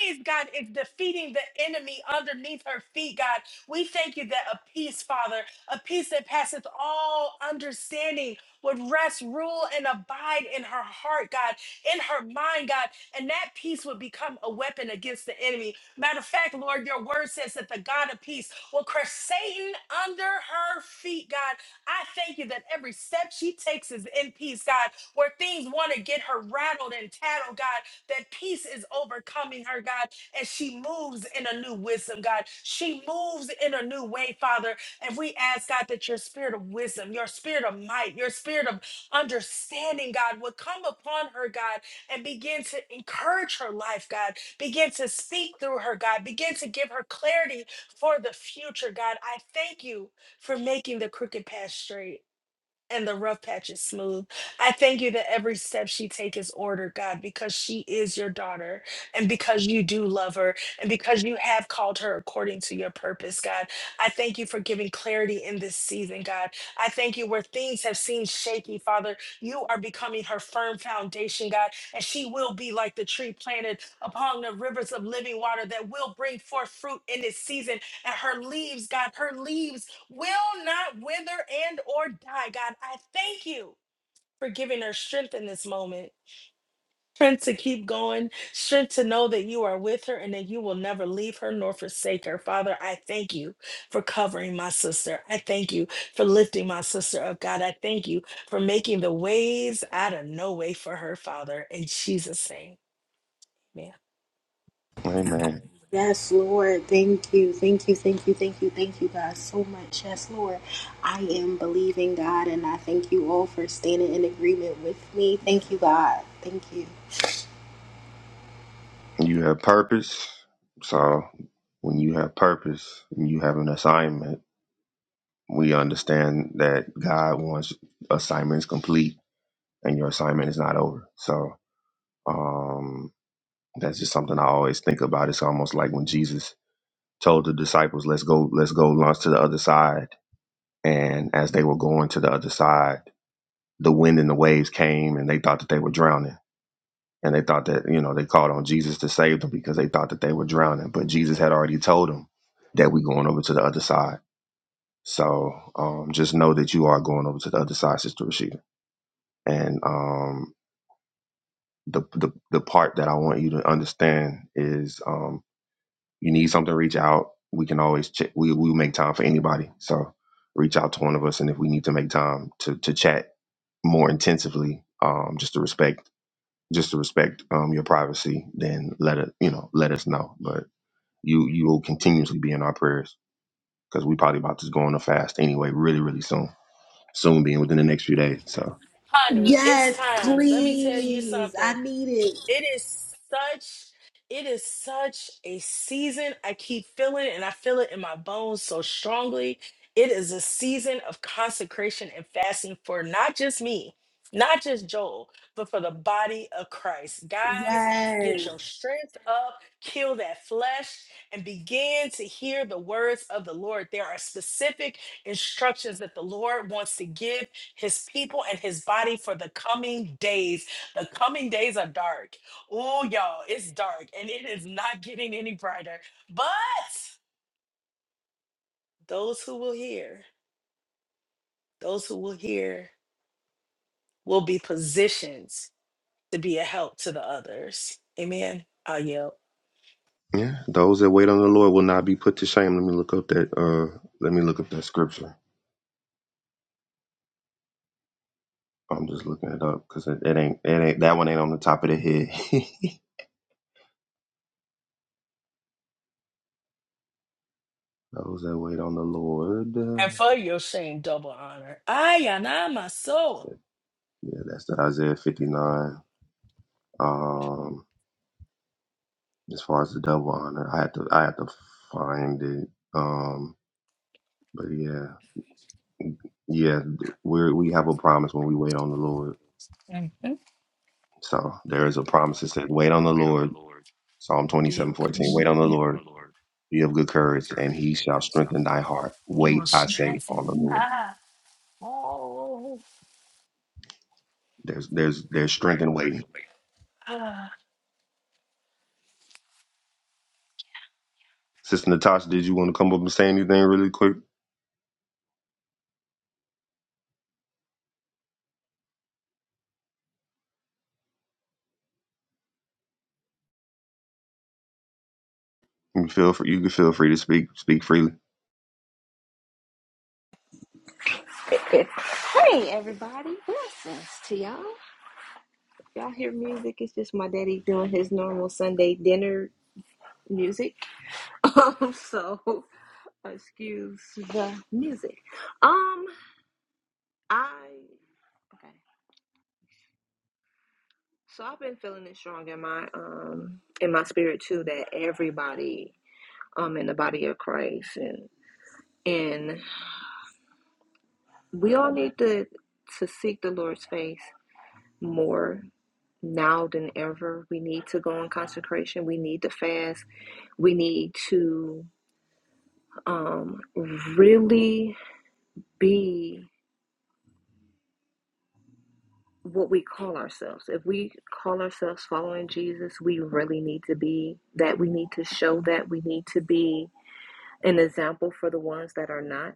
Speaker 2: Praise, God, is defeating the enemy underneath her feet, God. We thank you that a peace, Father, a peace that passeth all understanding would rest, rule, and abide in her heart, God, in her mind, God, and that peace would become a weapon against the enemy. Matter of fact, Lord, your word says that the God of peace will crush Satan under her feet, God. I thank you that every step she takes is in peace, God, where things want to get her rattled and tattled, God, that peace is overcoming her, God, and she moves in a new wisdom, God. She moves in a new way, Father. And we ask, God, that your spirit of wisdom, your spirit of might, your spirit of understanding, God, would come upon her, God, and begin to encourage her life, God, begin to speak through her, God, begin to give her clarity for the future, God. I thank you for making the crooked path straight and the rough patches smooth. I thank you that every step she takes is ordered, God, because she is your daughter and because you do love her and because you have called her according to your purpose, God. I thank you for giving clarity in this season, God. I thank you where things have seemed shaky, Father. You are becoming her firm foundation, God, and she will be like the tree planted upon the rivers of living water that will bring forth fruit in this season. And her leaves, God, her leaves will not wither and or die. God, I thank you for giving her strength in this moment. Strength to keep going, strength to know that you are with her and that you will never leave her nor forsake her. Father, I thank you for covering my sister. I thank you for lifting my sister up, God. I thank you for making the ways out of no way for her, Father. In Jesus' name, amen.
Speaker 1: Amen.
Speaker 4: Yes, Lord. Thank you. Thank you. Thank you. Thank you. Thank you, God, so much. Yes, Lord. I am believing, God, and I thank you all for standing in agreement with me. Thank you, God. Thank you.
Speaker 1: You have purpose. So when you have purpose and you have an assignment, we understand that God wants assignments complete and your assignment is not over. So um, that's just something I always think about. It's almost like when Jesus told the disciples, "Let's go, let's go launch to the other side." And as they were going to the other side, the wind and the waves came, and they thought that they were drowning. And they thought that you know they called on Jesus to save them because they thought that they were drowning. But Jesus had already told them that we're going over to the other side. So um, just know that you are going over to the other side, Sister Rashida. And um, the, the the part that I want you to understand is um, you need something, reach out. We can always ch- we we make time for anybody. So reach out to one of us, and if we need to make time to to chat more intensively, um, just to respect just to respect um your privacy, then let it you know let us know. But you you will continuously be in our prayers because we probably about to go on a fast anyway, really really soon. Soon being within the next few days. So
Speaker 2: Honey, it's
Speaker 4: Yes,
Speaker 2: time. Let me tell you
Speaker 4: please.
Speaker 2: something.
Speaker 4: I need it.
Speaker 2: It is such it is such a season. I keep feeling it and I feel it in my bones so strongly. It is a season of consecration and fasting for not just me, not just Joel, but for the body of Christ. Guys, get
Speaker 4: Yes.
Speaker 2: your strength up, kill that flesh, and begin to hear the words of the Lord. There are specific instructions that the Lord wants to give his people and his body for the coming days. The coming days are dark. Oh, y'all, it's dark and it is not getting any brighter. But those who will hear, those who will hear will be positioned to be a help to the others. Amen. I yell.
Speaker 1: yeah, those that wait on the Lord will not be put to shame. Let me look up that uh let me look up that scripture. I'm just looking it up because it, it ain't it ain't that one ain't on the top of the head. Those that wait on the Lord.
Speaker 2: And
Speaker 1: uh,
Speaker 2: for your shame, double honor. I am not my soul.
Speaker 1: Yeah, yeah, that's the Isaiah 59. Um, as far as the double honor, I had to I had to find it. Um, but yeah, yeah, we we have a promise when we wait on the Lord.
Speaker 2: Mhm.
Speaker 1: So there is a promise that said, "Wait on the Lord." Psalm
Speaker 2: You
Speaker 1: 27:14. Wait on the
Speaker 2: Christian,
Speaker 1: Lord. Be of good courage, and He shall strengthen thy heart.
Speaker 2: you will
Speaker 1: Wait, I say, on the
Speaker 2: strengthen.
Speaker 1: Lord.
Speaker 2: Ah, oh,
Speaker 1: There's there's there's strength in waiting.
Speaker 2: ah.
Speaker 1: Sister Natasha, did you want to come up and say anything really quick? You can feel free. You can feel free to speak. Speak freely.
Speaker 5: Hey everybody, blessings to y'all. Y'all hear music? It's just my daddy doing his normal Sunday dinner music. Um, so excuse the music. Um, I okay. So I've been feeling it strong in my um in my spirit too that everybody um in the body of Christ and and we all need to to seek the Lord's face more now than ever. We need to go in consecration. We need to fast. We need to um, really be what we call ourselves. If we call ourselves following Jesus, we really need to be that. We need to show that. We need to be an example for the ones that are not.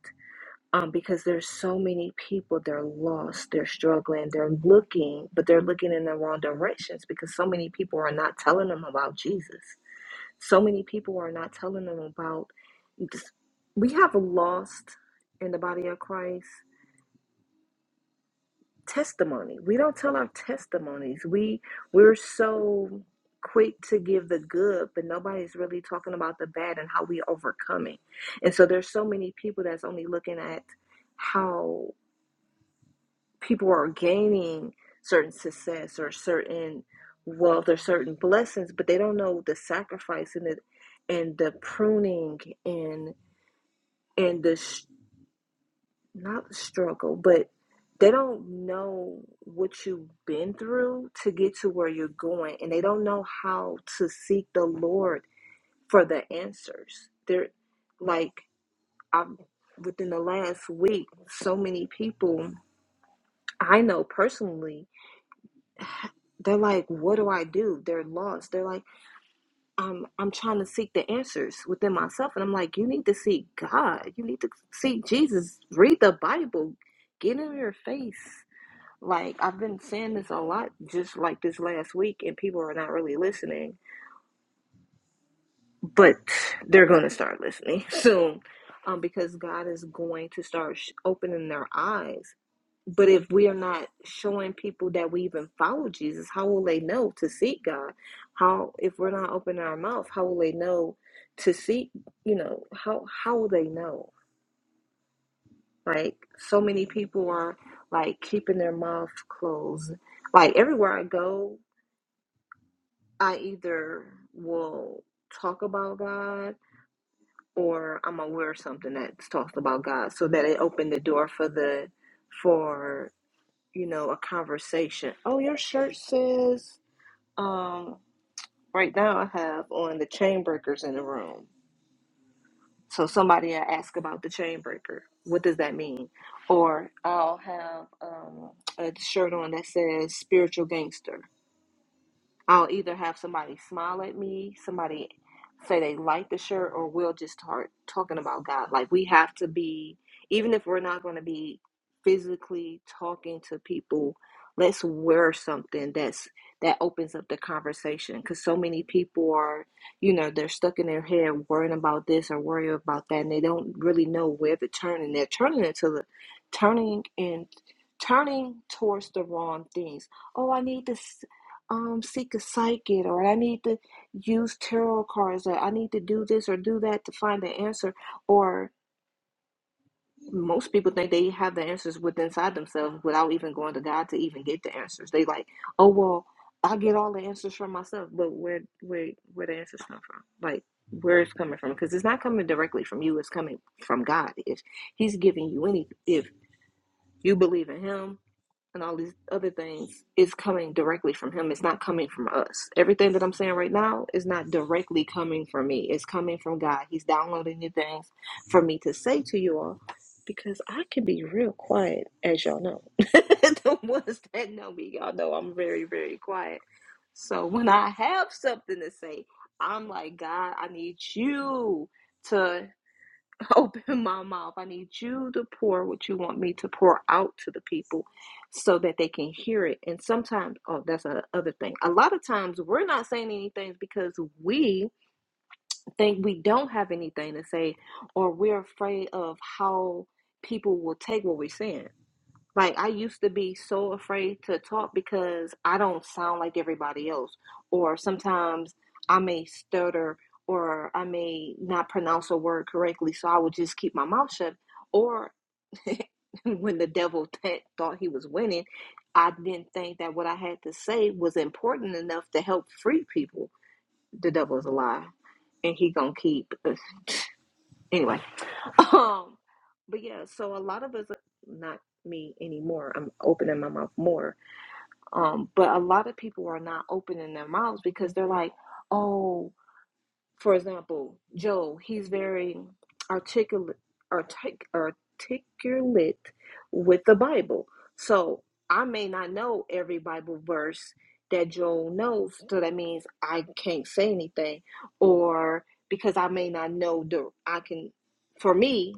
Speaker 5: Um, because there's so many people, they're lost, they're struggling, they're looking, but they're looking in the wrong directions because so many people are not telling them about Jesus So many people are not telling them about. we have lost in the body of Christ testimony. We don't tell our testimonies. We we're so quick to give the good, but nobody's really talking about the bad and how we overcome it. And so there's so many people that's only looking at how people are gaining certain success or certain wealth or certain blessings, but they don't know the sacrifice and the and the pruning and and the sh- not the struggle, but they don't know what you've been through to get to where you're going, and they don't know how to seek the Lord for the answers. They're like i am within the last week, so many people I know personally, they're like, "What do I do?" They're lost. They're like, "I'm I'm trying to seek the answers within myself," and I'm like, "You need to seek God. You need to seek Jesus. Read the Bible. Get in your face." Like I've been saying this a lot just like this last week and people are not really listening, but they're going to start listening soon. Um because God is going to start sh- opening their eyes. But if we are not showing people that we even follow Jesus, how will they know to seek God? How if we're not opening our mouth, how will they know to seek, you know, how how will they know? Like so many people are like keeping their mouth closed like everywhere I go, I either will talk about God or I'm aware of something that's talked about God so that it opened the door for the for you know a conversation. Oh your shirt says um right now I have on the chain breakers in the room. So somebody I ask about the chain breaker. What does that mean? Or I'll have um, a shirt on that says spiritual gangster I'll either have somebody smile at me, somebody say they like the shirt, or we'll just start talking about God. Like we have to be, even if we're not going to be physically talking to people, let's wear something that's that opens up the conversation because so many people are, you know, they're stuck in their head worrying about this or worrying about that, and they don't really know where to turn, and they're turning into the turning and turning towards the wrong things oh, I need this um seek a psychic or I need to use tarot cards or I need to do this or do that to find the answer or most people think they have the answers within inside themselves without even going to God to even get the answers. They like, oh well, I get all the answers from myself, but where where where the answers come from? Like where it's coming from? Because it's not coming directly from you. It's coming from God. If He's giving you any, if you believe in Him, and all these other things is coming directly from him. It's not coming from us. Everything that I'm saying right now is not directly coming from me. It's coming from God. He's downloading new things for me to say to you all because I can be real quiet, as y'all know. the ones that know me, y'all know I'm very, very quiet. So when I have something to say, I'm like, God, I need you to Open my mouth. I need you to pour what you want me to pour out to the people so that they can hear it. And sometimes, oh, that's another thing. A lot of times we're not saying anything because we think we don't have anything to say or we're afraid of how people will take what we're saying. Like I used to be so afraid to talk because I don't sound like everybody else, or sometimes I may stutter or I may not pronounce a word correctly, so I would just keep my mouth shut. Or when the devil th- thought he was winning, I didn't think that what I had to say was important enough to help free people. The devil is a lie, and he gonna keep. Anyway, um, but yeah, so a lot of us, not me anymore, I'm opening my mouth more. Um, but a lot of people are not opening their mouths because they're like, oh, for example, Joe, he's very articulate, artic- articulate with the Bible. So I may not know every Bible verse that Joe knows. So that means I can't say anything, or because I may not know the, I can, for me,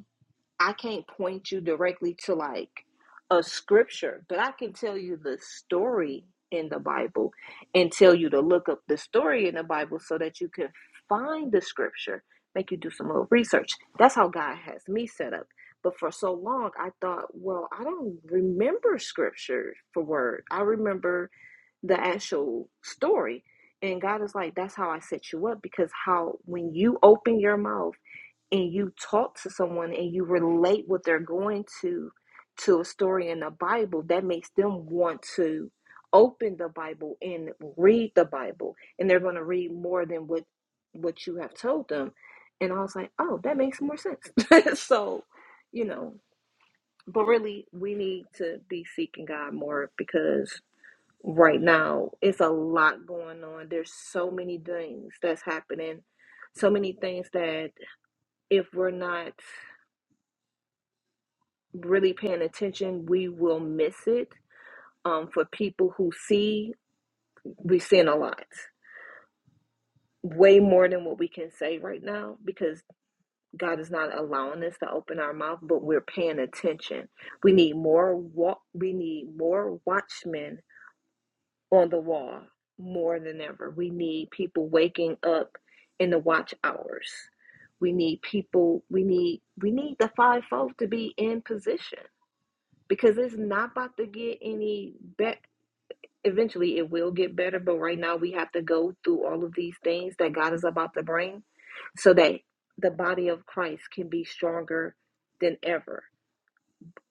Speaker 5: I can't point you directly to like a scripture, but I can tell you the story in the Bible and tell you to look up the story in the Bible so that you can find the scripture, make you do some little research. That's how God has me set up. But for so long, I thought, well, I don't remember scripture for word. I remember the actual story. And God is like, that's how I set you up because how, when you open your mouth, and you talk to someone and you relate what they're going to to a story in the Bible, that makes them want to open the Bible and read the Bible, and they're going to read more than what what you have told them. And I was like, oh, that makes more sense. so, you know, but really, we need to be seeking God more because right now it's a lot going on. There's so many things that's happening, so many things that if we're not really paying attention, we will miss it. Um, for people who see, we're seeing a lot, way more than what we can say right now because God is not allowing us to open our mouth, but we're paying attention. We need more walk. We need more watchmen on the wall more than ever. We need people waking up in the watch hours. We need people. We need we need the fivefold to be in position because it's not about to get any better. eventually it will get better, but right now we have to go through all of these things that God is about to bring so that the body of Christ can be stronger than ever.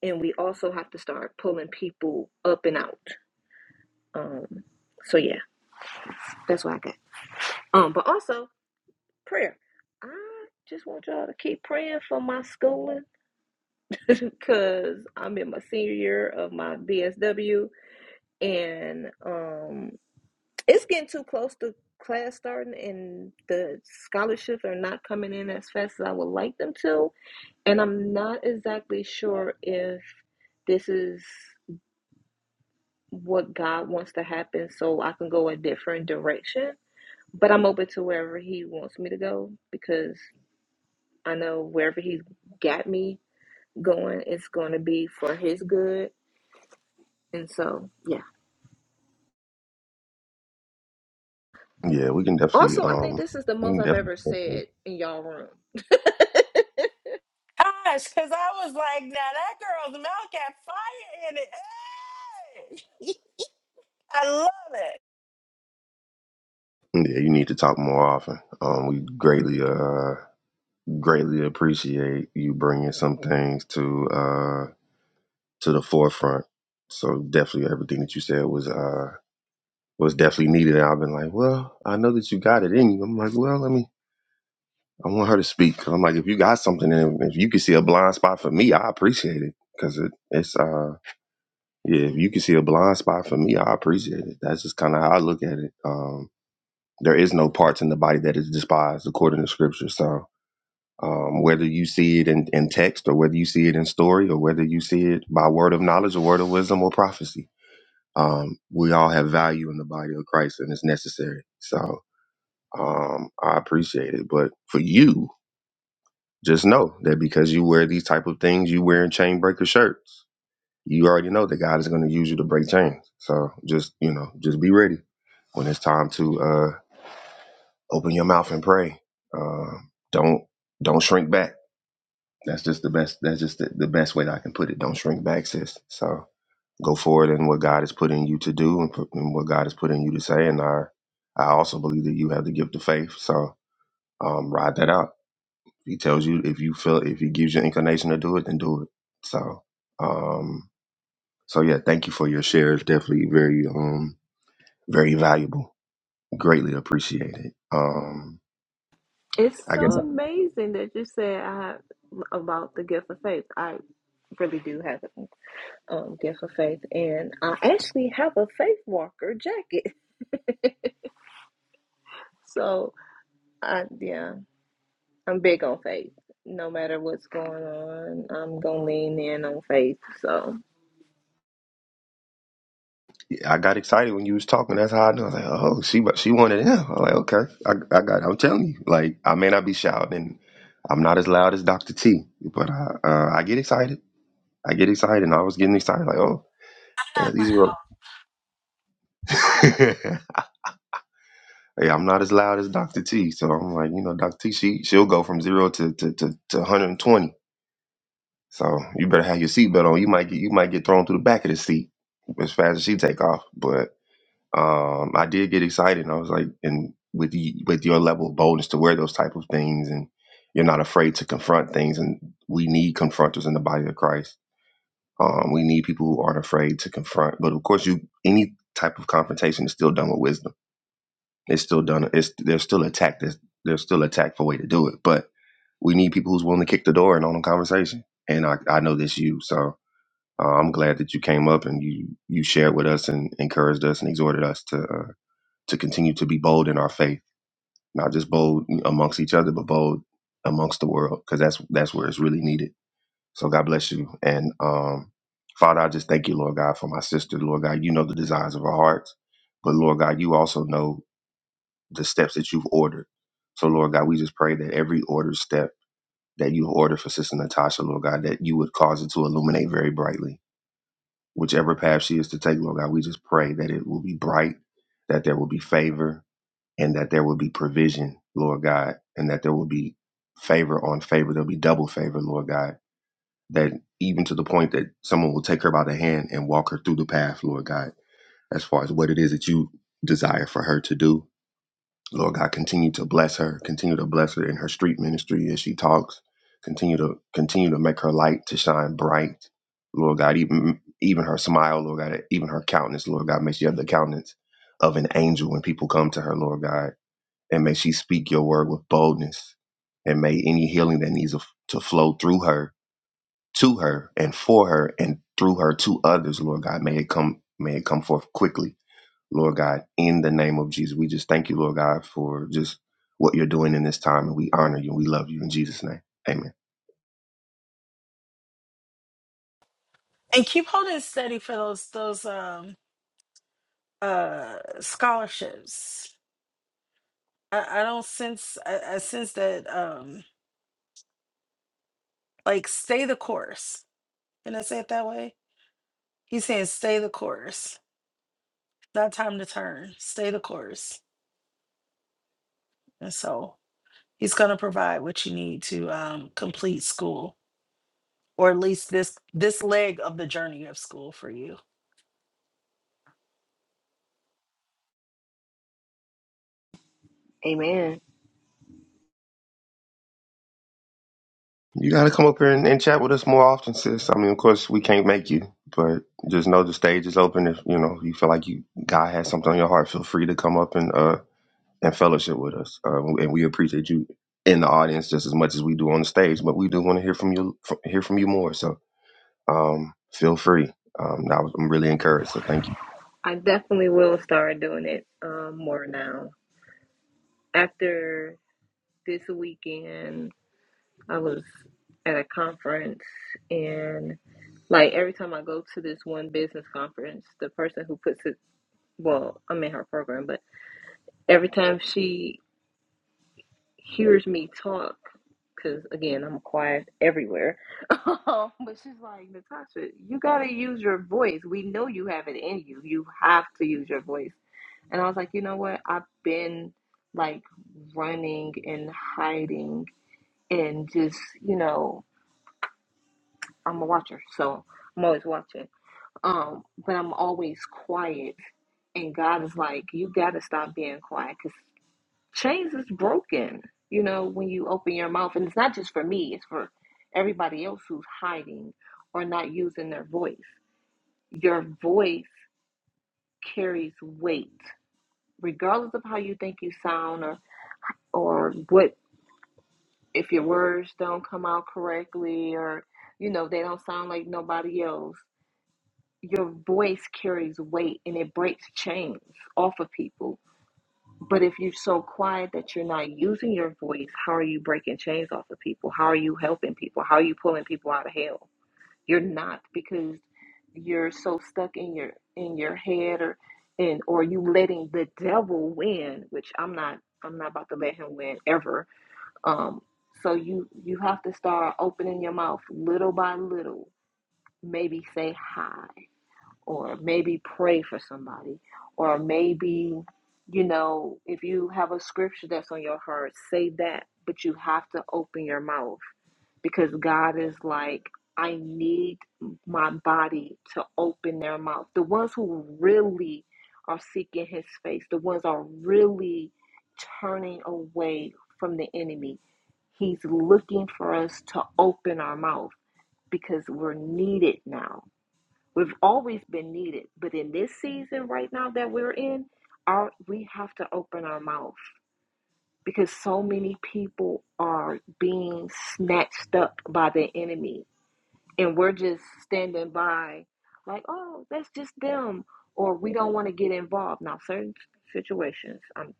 Speaker 5: And we also have to start pulling people up and out. Um, so yeah, that's what I got. Um, but also prayer. I just want y'all to keep praying for my schooling because I'm in my senior year of my BSW and um It's getting too close to class starting, and the scholarships are not coming in as fast as I would like them to. And I'm not exactly sure if this is what God wants to happen so I can go a different direction. But I'm open to wherever He wants me to go because I know wherever He's got me going, it's going to be for His good. And so, yeah.
Speaker 1: Yeah, we can definitely.
Speaker 5: Also, I think
Speaker 1: Um,
Speaker 5: this is the
Speaker 1: we
Speaker 5: most
Speaker 1: can
Speaker 5: I've ever
Speaker 1: definitely.
Speaker 5: said in y'all room.
Speaker 2: Gosh, because I was like, now that girl's mouth got fire in it. Hey! I love it.
Speaker 1: Yeah, you need to talk more often. Um, we greatly, uh, greatly appreciate you bringing some things to uh to the forefront. So definitely, everything that you said was uh was definitely needed. And I've been like, well, I know that you got it in you. I'm like, well, let me. I want her to speak. 'Cause I'm like, if you got something, and if you can see a blind spot for me, I appreciate it because it, it's uh Yeah, if you can see a blind spot for me, I appreciate it. That's just kind of how I look at it. Um, there is no parts in the body that is despised according to scripture. So um, whether you see it in, in text or whether you see it in story or whether you see it by word of knowledge or word of wisdom or prophecy, um, we all have value in the body of Christ and it's necessary. So um, I appreciate it. But for you, just know that because you wear these type of things, you wearing chain breaker shirts you already know that God is going to use you to break chains. So just you know, just be ready when it's time to uh, open your mouth and pray. Uh, don't don't shrink back. That's just the best. That's just the, the best way that I can put it. Don't shrink back, sis. So go forward in what God is putting you to do and, put, and what God is putting you to say. And I I also believe that you have the gift of faith. So um, ride that out. He tells you if you feel if He gives you inclination to do it, then do it. So. Um, So yeah, thank you for your share. It's definitely very um very valuable. Greatly appreciated. Um
Speaker 5: It's
Speaker 1: I guess
Speaker 5: so
Speaker 1: I,
Speaker 5: amazing that you said I have about the gift of faith. I really do have a um, gift of faith, and I actually have a faith walker jacket. So, I yeah, I'm big on faith. No matter what's going on, I'm gonna lean in on faith. So,
Speaker 1: yeah, I got excited when you was talking. That's how I know. I was like, oh, she she wanted him. I'm like, okay, I, I got. I'm telling you, like, I may not be shouting. I'm not as loud as Dr. T, but I uh, I get excited. I get excited. And I was getting excited. Like, oh, yeah, these are. yeah, I'm not as loud as Dr. T, so I'm like, you know, Dr. T, she she'll go from zero to to to, to 120 So you better have your seatbelt on. You might get you might get thrown through the back of the seat as fast as she take off. But um, I did get excited. And I was like, and with the, with your level of boldness to wear those type of things, and you're not afraid to confront things. And we need confronters in the body of Christ. Um, we need people who aren't afraid to confront. But of course, you any type of confrontation is still done with wisdom. It's still done. It's there's still a tact. There's, there's still a tactful way to do it. But we need people who's willing to kick the door and own a conversation. And I, I know this you so. Uh, I'm glad that you came up and you you shared with us and encouraged us and exhorted us to uh, to continue to be bold in our faith, not just bold amongst each other, but bold amongst the world, because that's that's where it's really needed. So God bless you, and um, Father, I just thank you, Lord God, for my sister, Lord God. You know the desires of our hearts, but Lord God, you also know the steps that you've ordered. So Lord God, we just pray that every ordered step that you order for Sister Natasha, Lord God, that you would cause it to illuminate very brightly whichever path she is to take, Lord God, we just pray that it will be bright, that there will be favor, and that there will be provision, Lord God, and that there will be favor on favor. There'll be double favor, Lord God, that even to the point that someone will take her by the hand and walk her through the path, Lord God, as far as what it is that you desire for her to do Lord God, continue to bless her, continue to bless her in her street ministry as she talks. Continue to continue to make her light to shine bright. Lord God, even even her smile, Lord God, even her countenance, Lord God, may she have the countenance of an angel when people come to her, Lord God, and may she speak your word with boldness, and may any healing that needs to flow through her, to her, and for her, and through her to others, Lord God, may it come, may it come forth quickly Lord God, in the name of Jesus. We just thank you, Lord God, for just what you're doing in this time. And we honor you and we love you in Jesus' name. Amen.
Speaker 2: And keep holding steady for those those um uh scholarships. I, I don't sense I, I sense that um like stay the course. Can I say it that way? He's saying stay the course. Not time to turn. Stay the course. And so he's gonna provide what you need to um complete school or at least this this leg of the journey of school for you.
Speaker 5: amen.
Speaker 1: You got to come up here and, and chat with us more often, sis. I mean, of course, we can't make you, but just know the stage is open. If you know you feel like you God has something on your heart, feel free to come up and uh and fellowship with us. Uh, and we appreciate you in the audience just as much as we do on the stage. But we do want to hear from you, from, hear from you more. So um, feel free. Um, I was, I'm really encouraged. So thank you.
Speaker 5: I definitely will start doing it um, more now after this weekend. I was at a conference and like every time I go to this one business conference, the person who puts it well, I'm in her program, but every time she hears me talk, because again, I'm quiet everywhere. but she's like, Natasha, you gotta use your voice. We know you have it in you. You have to use your voice. And I was like, you know what? I've been like running and hiding and just, you know, I'm a watcher, so I'm always watching. Um, but I'm always quiet, and God is like, you got to stop being quiet because chains is broken. You know, when you open your mouth, and it's not just for me; it's for everybody else who's hiding or not using their voice. Your voice carries weight, regardless of how you think you sound or or what. If your words don't come out correctly, or you know they don't sound like nobody else your voice carries weight and it breaks chains off of people. But if you're so quiet that you're not using your voice, how are you breaking chains off of people? How are you helping people? How are you pulling people out of hell? You're not because you're so stuck in your in your head or and or you letting the devil win, which I'm not I'm not about to let him win ever. Um so you you have to start opening your mouth little by little. Maybe say hi or maybe pray for somebody, or maybe, you know, if you have a scripture that's on your heart, say that, but you have to open your mouth because God is like, I need my body to open their mouth. The ones who really are seeking his face, the ones are really turning away from the enemy. He's looking for us to open our mouth because we're needed now We've always been needed, but in this season right now that we're in, our we have to open our mouth because so many people are being snatched up by the enemy, and we're just standing by, like, oh, that's just them, or we don't want to get involved. Now, certain situations, um,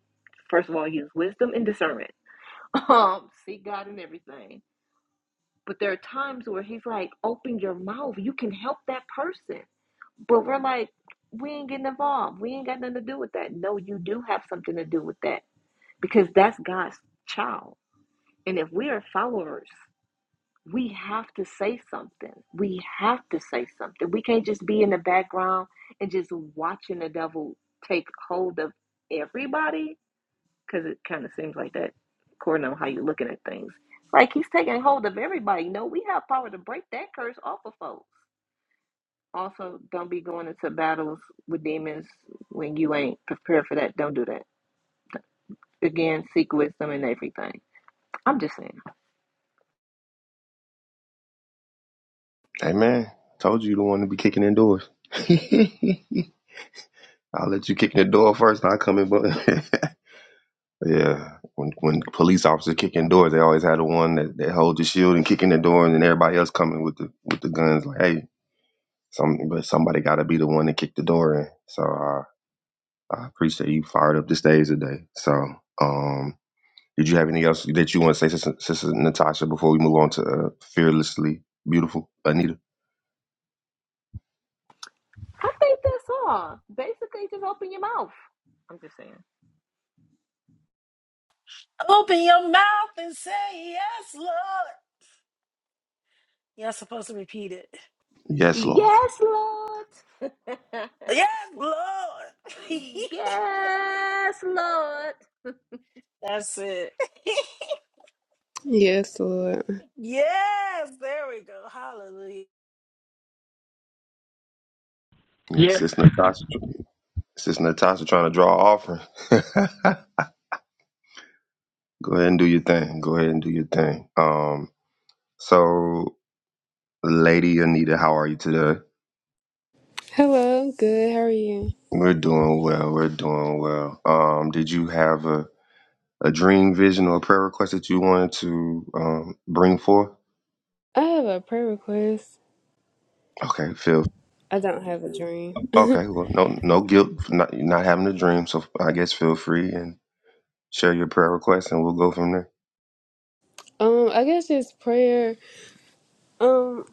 Speaker 5: first of all, use wisdom and discernment. Um, seek God in everything. But there are times where He's like, open your mouth. You can help that person but we're like, we ain't getting involved. We ain't got nothing to do with that. No, you do have something to do with that because that's God's child. And if we are followers, we have to say something. We have to say something. We can't just be in the background and just watching the devil take hold of everybody because it kind of seems like that, according on how you're looking at things. Like he's taking hold of everybody. No, we have power to break that curse off of folks. Also, don't be going into battles with demons when you ain't prepared for that. Don't do that. Again, seek wisdom and everything. I'm just saying.
Speaker 1: Hey man, told you you don't want to be kicking indoors. I'll let you kick in the door first, and I come in. But yeah, when when police officers kick in doors, they always had the one that, that hold the shield and kick in the door, and then everybody else coming with the with the guns. Like, hey, some but somebody got to be the one to kick the door in. So uh, I appreciate you fired up the stage today. So um, did you have anything else that you want to say, Sister, Sister Natasha, before we move on to uh, fearlessly beautiful Anita?
Speaker 5: I think that's all. Basically, just open your mouth. I'm just saying.
Speaker 2: Open your mouth and say yes, Lord. You're not supposed to repeat it.
Speaker 1: Yes, Lord.
Speaker 5: Yes, Lord.
Speaker 2: Yes, Lord.
Speaker 5: yes, Lord.
Speaker 2: That's it.
Speaker 6: Yes, Lord.
Speaker 2: yes, there we go. Hallelujah.
Speaker 1: Yes,
Speaker 7: Yeah.
Speaker 1: Sister Natasha. Sis Natasha trying to draw an offering. Go ahead and do your thing. Go ahead and do your thing. Um, so Lady Anita, how are you today?
Speaker 6: Hello, I'm good. How are you?
Speaker 1: We're doing well. We're doing well. Um, did you have a, a dream, vision, or prayer request that you wanted to um, bring forth?
Speaker 6: I have a prayer request.
Speaker 1: Okay, feel
Speaker 6: I don't have a dream.
Speaker 1: okay. Well, no, no guilt for not not having a dream. So I guess feel free and share your prayer request, and we'll go from there.
Speaker 6: um, I guess just prayer. Um,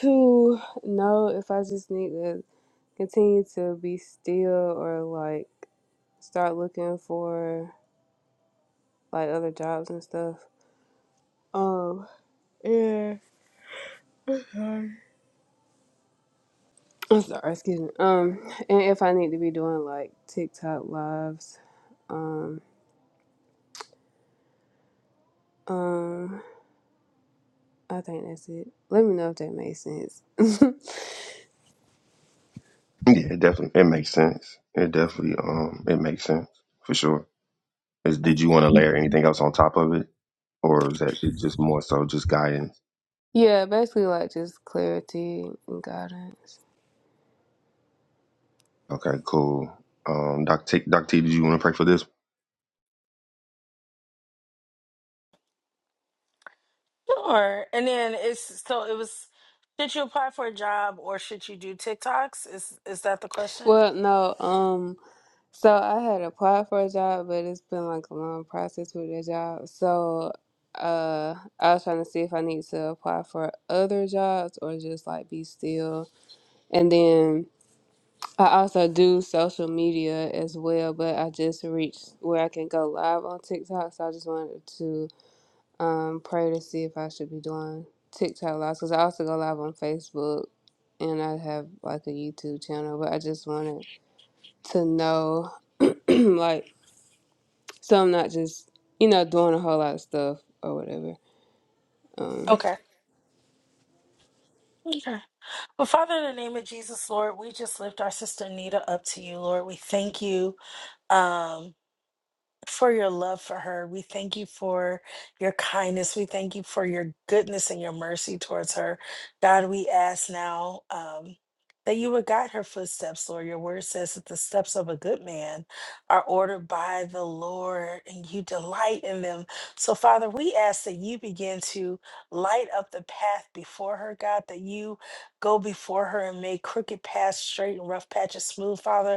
Speaker 6: to know if I just need to continue to be still or like start looking for like other jobs and stuff. Um, yeah. Sorry. I'm sorry. Excuse me. Um, and if I need to be doing like TikTok lives. Um. Um. I think that's it. Let me know if that makes sense.
Speaker 1: Yeah, it definitely. It makes sense. It definitely. Um, it makes sense for sure. Is, did you want to layer anything else on top of it, or is that it just more so just guidance?
Speaker 6: yeah, basically like just clarity and guidance.
Speaker 1: Okay, cool. Um, Doc T, Doc T, did you want to pray for this?
Speaker 2: Sure. And then it's so it was should you apply for a job or should you do TikToks? Is is that the question?
Speaker 6: Well, no, um, so I had applied for a job, but it's been like a long process with the job. So, uh, I was trying to see if I need to apply for other jobs or just like be still. And then I also do social media as well, but I just reached where I can go live on TikTok, so I just wanted to um, pray to see if I should be doing TikTok lives because I also go live on Facebook and I have like a YouTube channel. But I just wanted to know, like, so I'm not just you know doing a whole lot of stuff or whatever. Um,
Speaker 2: Okay. Okay. Well, Father, in the name of Jesus, Lord, we just lift our sister Nita up to you, Lord. We thank you. Um, for your love for her. We thank you for your kindness. We thank you for your goodness and your mercy towards her. God, we ask now um, that you would guide her footsteps, Lord. Your word says that the steps of a good man are ordered by the Lord and you delight in them. So, Father, we ask that you begin to light up the path before her, God, that you go before her and make crooked paths straight and rough patches smooth, Father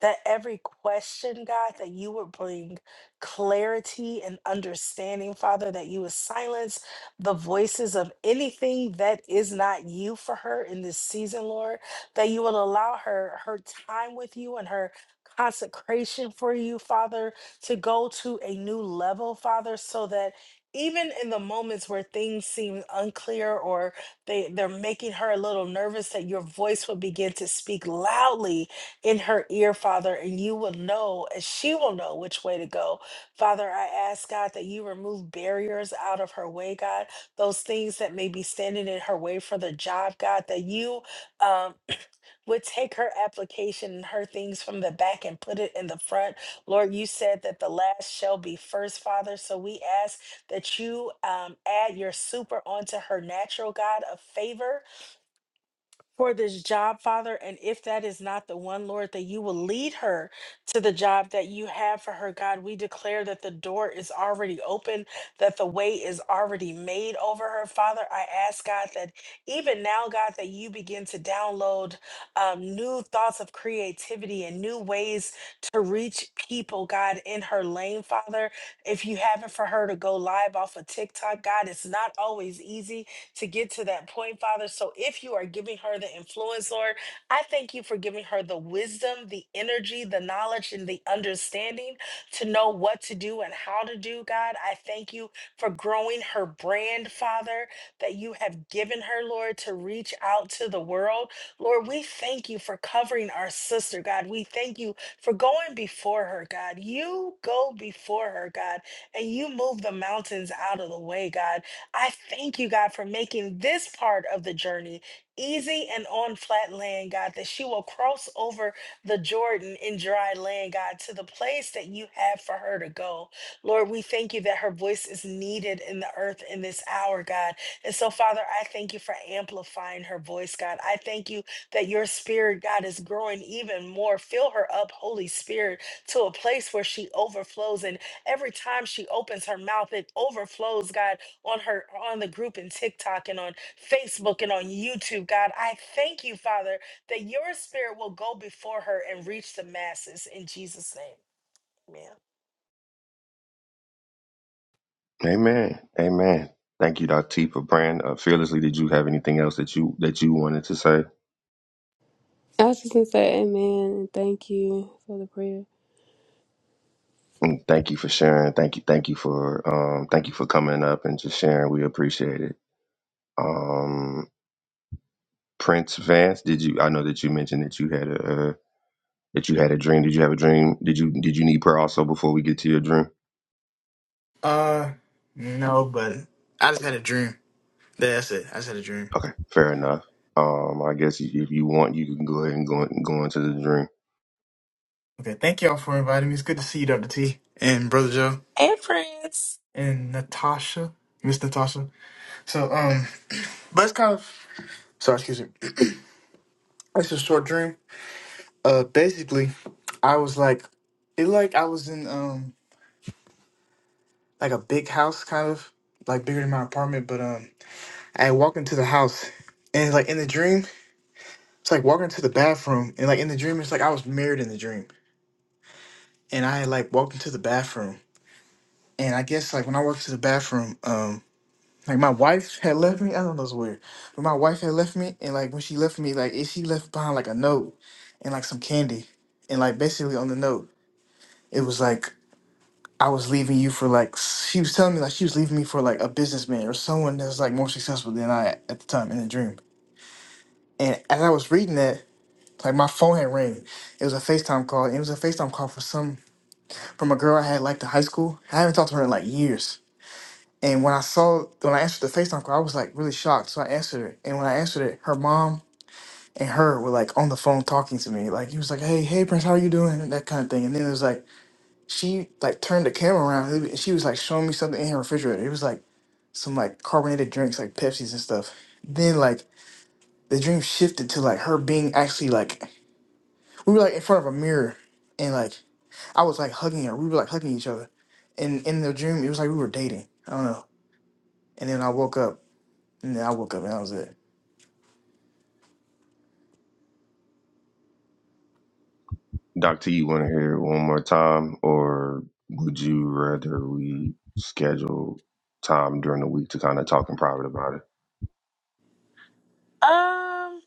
Speaker 2: that every question, God, that you would bring clarity and understanding, Father, that you would silence the voices of anything that is not you for her in this season, Lord, that you will allow her her time with you and her consecration for you, Father, to go to a new level, Father, so that even in the moments where things seem unclear or they, they're making her a little nervous, that your voice will begin to speak loudly in her ear, Father, and you will know, and she will know which way to go. Father, I ask God that you remove barriers out of her way, God, those things that may be standing in her way for the job, God, that you um, would take her application and her things from the back and put it in the front. Lord, you said that the last shall be first, Father. So we ask that you um, add your super onto her natural God of favor for this job, Father. And if that is not the one, Lord, that you will lead her to the job that you have for her, God, we declare that the door is already open, that the way is already made over her, Father. I ask, God, that even now, God, that you begin to download um, new thoughts of creativity and new ways to reach people, God, in her lane, Father. If you haven't for her to go live off of TikTok, God, it's not always easy to get to that point, Father. So if you are giving her the influence, Lord, I thank you for giving her the wisdom, the energy, the knowledge, and the understanding to know what to do and how to do, God. I thank you for growing her brand, Father, that you have given her, Lord, to reach out to the world. Lord, we thank you for covering our sister, God. We thank you for going before her, God. You go before her, God, and you move the mountains out of the way, God. I thank you, God, for making this part of the journey easy and on flat land, God, that she will cross over the Jordan in dry land, God, to the place that you have for her to go. Lord, we thank you that her voice is needed in the earth in this hour, God. And so, Father, I thank you for amplifying her voice, God. I thank you that your spirit, God, is growing even more. Fill her up, Holy Spirit, to a place where she overflows. And every time she opens her mouth, it overflows, God on her on the group and TikTok and on Facebook and on YouTube. God, I thank you, Father, that your spirit will go before her and reach the masses in Jesus' name. Amen.
Speaker 1: Amen. Amen. Thank you, Doc T, for praying uh, fearlessly. Did you have anything else that you that you wanted to say?
Speaker 6: I was just gonna say amen and thank you for the prayer.
Speaker 1: And thank you for sharing. Thank you. Thank you for um, thank you for coming up and just sharing. We appreciate it. Um, Prince Vance, did you? I know that you mentioned that you had a uh, that you had a dream. Did you have a dream? Did you did you need prayer also before we get to your dream?
Speaker 7: Uh, no, but I just had a dream. Yeah, That's it. I just had a dream.
Speaker 1: Okay, fair enough. Um, I guess if you want, you can go ahead and go go into the dream.
Speaker 7: Okay, thank y'all for inviting me. It's good to see you, Dr. T, and Brother Joe,
Speaker 2: Hey Prince.
Speaker 7: and Natasha, Miss Natasha. So, um, but it's kind of sorry, excuse me. It's a short dream. Uh, basically, I was like, it like I was in um like a big house, kind of like bigger than my apartment, but um, I walked into the house, and like in the dream, it's like walking to the bathroom, and like in the dream, it's like I was married in the dream. and I had like walked into the bathroom. And I guess like when I walked to the bathroom, um, like my wife had left me. I don't know, it's weird, but my wife had left me, and like when she left me, like it- she left behind like a note and like some candy, and like basically on the note, it was like I was leaving you for like s- she was telling me like she was leaving me for like a businessman or someone that's like more successful than I at the time in the dream. And as I was reading that, like my phone had rang. It was a FaceTime call. and It was a FaceTime call for some from a girl I had liked in high school. I haven't talked to her in like years And when I saw, when I answered the FaceTime call, I was like really shocked. So I answered it. And when I answered it, her mom and her were like on the phone talking to me. Like, he was like, hey, hey, Prince, how are you doing? And that kind of thing. And then it was like, she like turned the camera around and she was like showing me something in her refrigerator. It was like some like carbonated drinks, like Pepsis and stuff. Then like the dream shifted to like her being actually like, we were like in front of a mirror and like I was like hugging her. We were like hugging each other. And in the dream, it was like we were dating. I don't know. And then I woke up Yeah, I woke up and I was it.
Speaker 1: Doctor, you want to hear it one more time, or would you rather we schedule time during the week to kind of talk in private about it?
Speaker 2: Um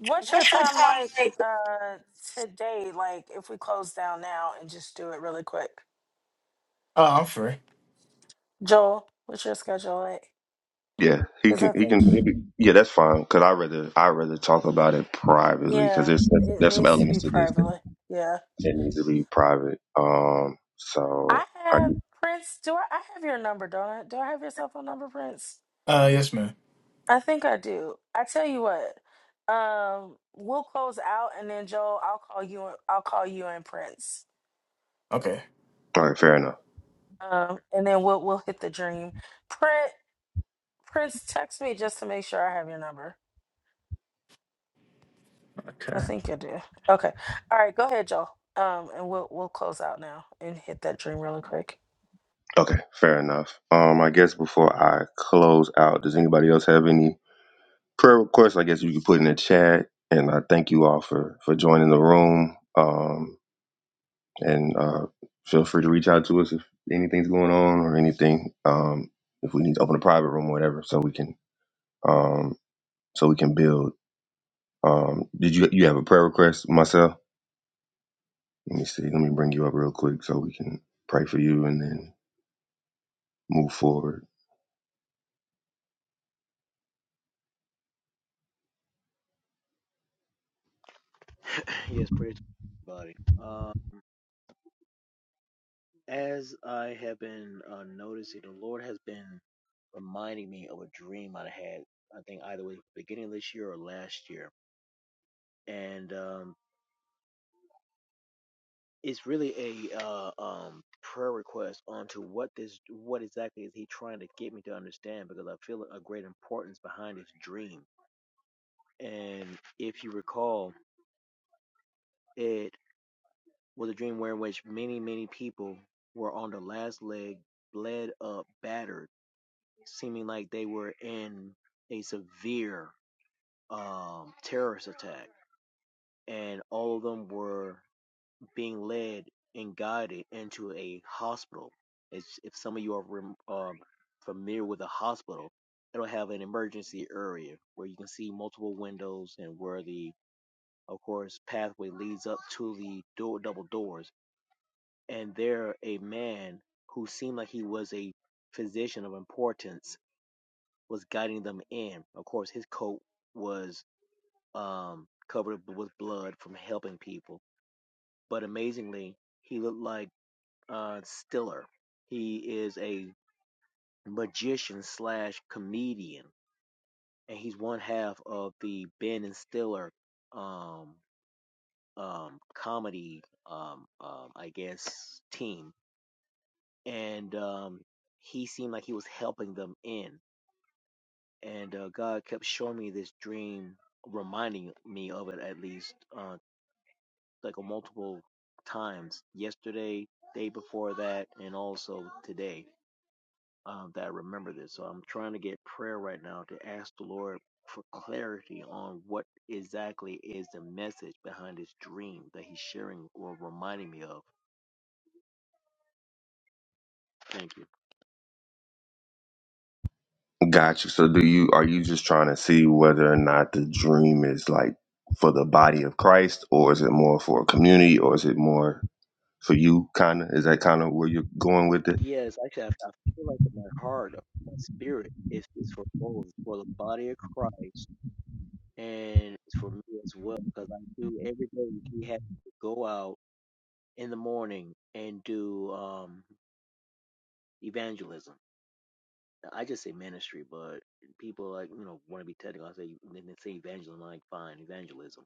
Speaker 2: what's your time like uh today? Like if we close down now and just do it really quick.
Speaker 7: Oh, I'm free.
Speaker 2: Joel, what's your schedule like?
Speaker 1: Yeah, he
Speaker 2: Because I
Speaker 1: can. He
Speaker 2: think
Speaker 1: can. He can yeah, that's fine. Cause I rather I rather talk about it privately. Cause
Speaker 2: yeah,
Speaker 1: there's
Speaker 2: it
Speaker 1: there's some
Speaker 2: needs to be
Speaker 1: elements to this that,
Speaker 2: privately. Yeah.
Speaker 1: that needs to be private. Um, so
Speaker 2: I
Speaker 1: I
Speaker 2: have Prince, do I, I have your number, don't I? Do I have your cell phone number, Prince?
Speaker 7: Uh, yes, ma'am.
Speaker 2: I think I do. I tell you what, um, we'll close out, and then Joel, I'll call you. I'll call you and Prince,
Speaker 7: Okay.
Speaker 1: all right, fair enough.
Speaker 2: um, and then we'll we'll hit the dream. Prince, Prince, text me just to make sure I have your number. I think you do. Okay. All right. Go ahead, Joel. Um, and we'll we'll close out now and hit that dream really quick.
Speaker 1: Okay, fair enough. Um, I guess before I close out, does anybody else have any? prayer requests, I guess you could put in the chat. And I thank you all for for joining the room. Um, and uh, feel free to reach out to us if anything's going on or anything. Um, if we need to open a private room or whatever, so we can um, so we can build. Um, did you you have a prayer request, myself? Let me see. Let me bring you up real quick so we can pray for you and then move forward.
Speaker 8: yes, praise body. Uh, as I have been uh, noticing, the Lord has been reminding me of a dream I had. I think either way, beginning of this year or last year, and um, it's really a uh, um, prayer request onto what this, what exactly is He trying to get me to understand? Because I feel a great importance behind this dream. And if you recall, it was a dream where in which many, many people were on the last leg, bled up, battered seeming like they were in a severe um, terrorist attack, and all of them were being led and guided into a hospital. It's, if some of you are rem- um, familiar with a hospital, it'll have an emergency area where you can see multiple windows and where the, of course, pathway leads up to the door, double doors. And there, a man who seemed like he was a physician of importance was guiding them in. Of course, his coat was um, covered with blood from helping people, but amazingly, he looked like uh, Stiller. He is a magician slash comedian, and he's one half of the Ben and Stiller um, um, comedy, um, um, I guess, team. And um, he seemed like he was helping them in. and uh, God kept showing me this dream, reminding me of it at least, uh, like a multiple times. Yesterday, day before that, and also today um, that I remember this. So I'm trying to get prayer right now to ask the Lord for clarity on what exactly is the message behind this dream that He's sharing or reminding me of. Thank you.
Speaker 1: Got you. So do you are you just trying to see whether or not the dream is like for the body of Christ or is it more for a community or is it more for you kinda? Is that kinda where you're going with it?
Speaker 8: Yes, actually, I, I feel like in my heart, my spirit is is for both for the body of Christ and it's for me as well because I do every day. He has to go out in the morning and do um evangelism. Now, I just say ministry, but people like you know want to be technical. I say then they say evangelism. I'm like fine, evangelism.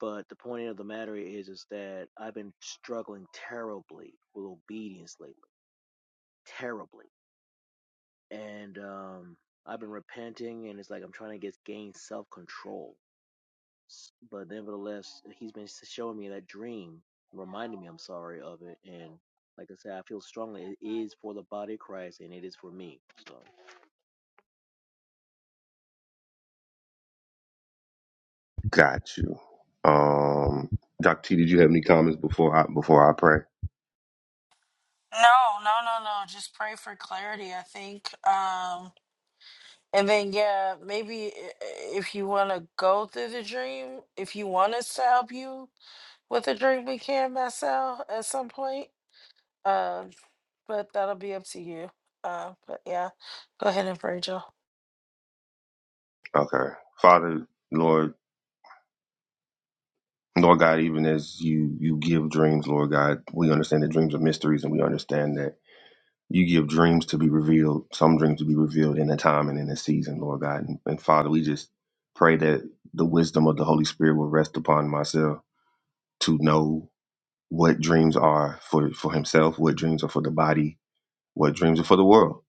Speaker 8: But the point of the matter is, is that I've been struggling terribly with obedience lately, terribly, and um I've been repenting, and it's like I'm trying to get gain self control But nevertheless, he's been showing me that dream, reminding me, I'm sorry, of it. And like I said, I feel strongly it is for the body of Christ and it is for me. So,
Speaker 1: Got you. Um Doc T, did you have any comments before I before I pray?
Speaker 2: No, no, no, no. Just pray for clarity. I think. Um, and then yeah, maybe i- i- if you want to go through the dream, if you want us to help you, With a drink we can mess out at some point. Um, but that'll be up to you. Uh, but yeah, go ahead and pray, Joe.
Speaker 1: Okay. Father, Lord, Lord God, even as you you give dreams, Lord God, we understand that dreams are mysteries and we understand that you give dreams to be revealed, some dreams to be revealed in a time and in a season, Lord God. And, and Father, we just pray that the wisdom of the Holy Spirit will rest upon myself to know what dreams are for, for himself, what dreams are for the body, what dreams are for the world.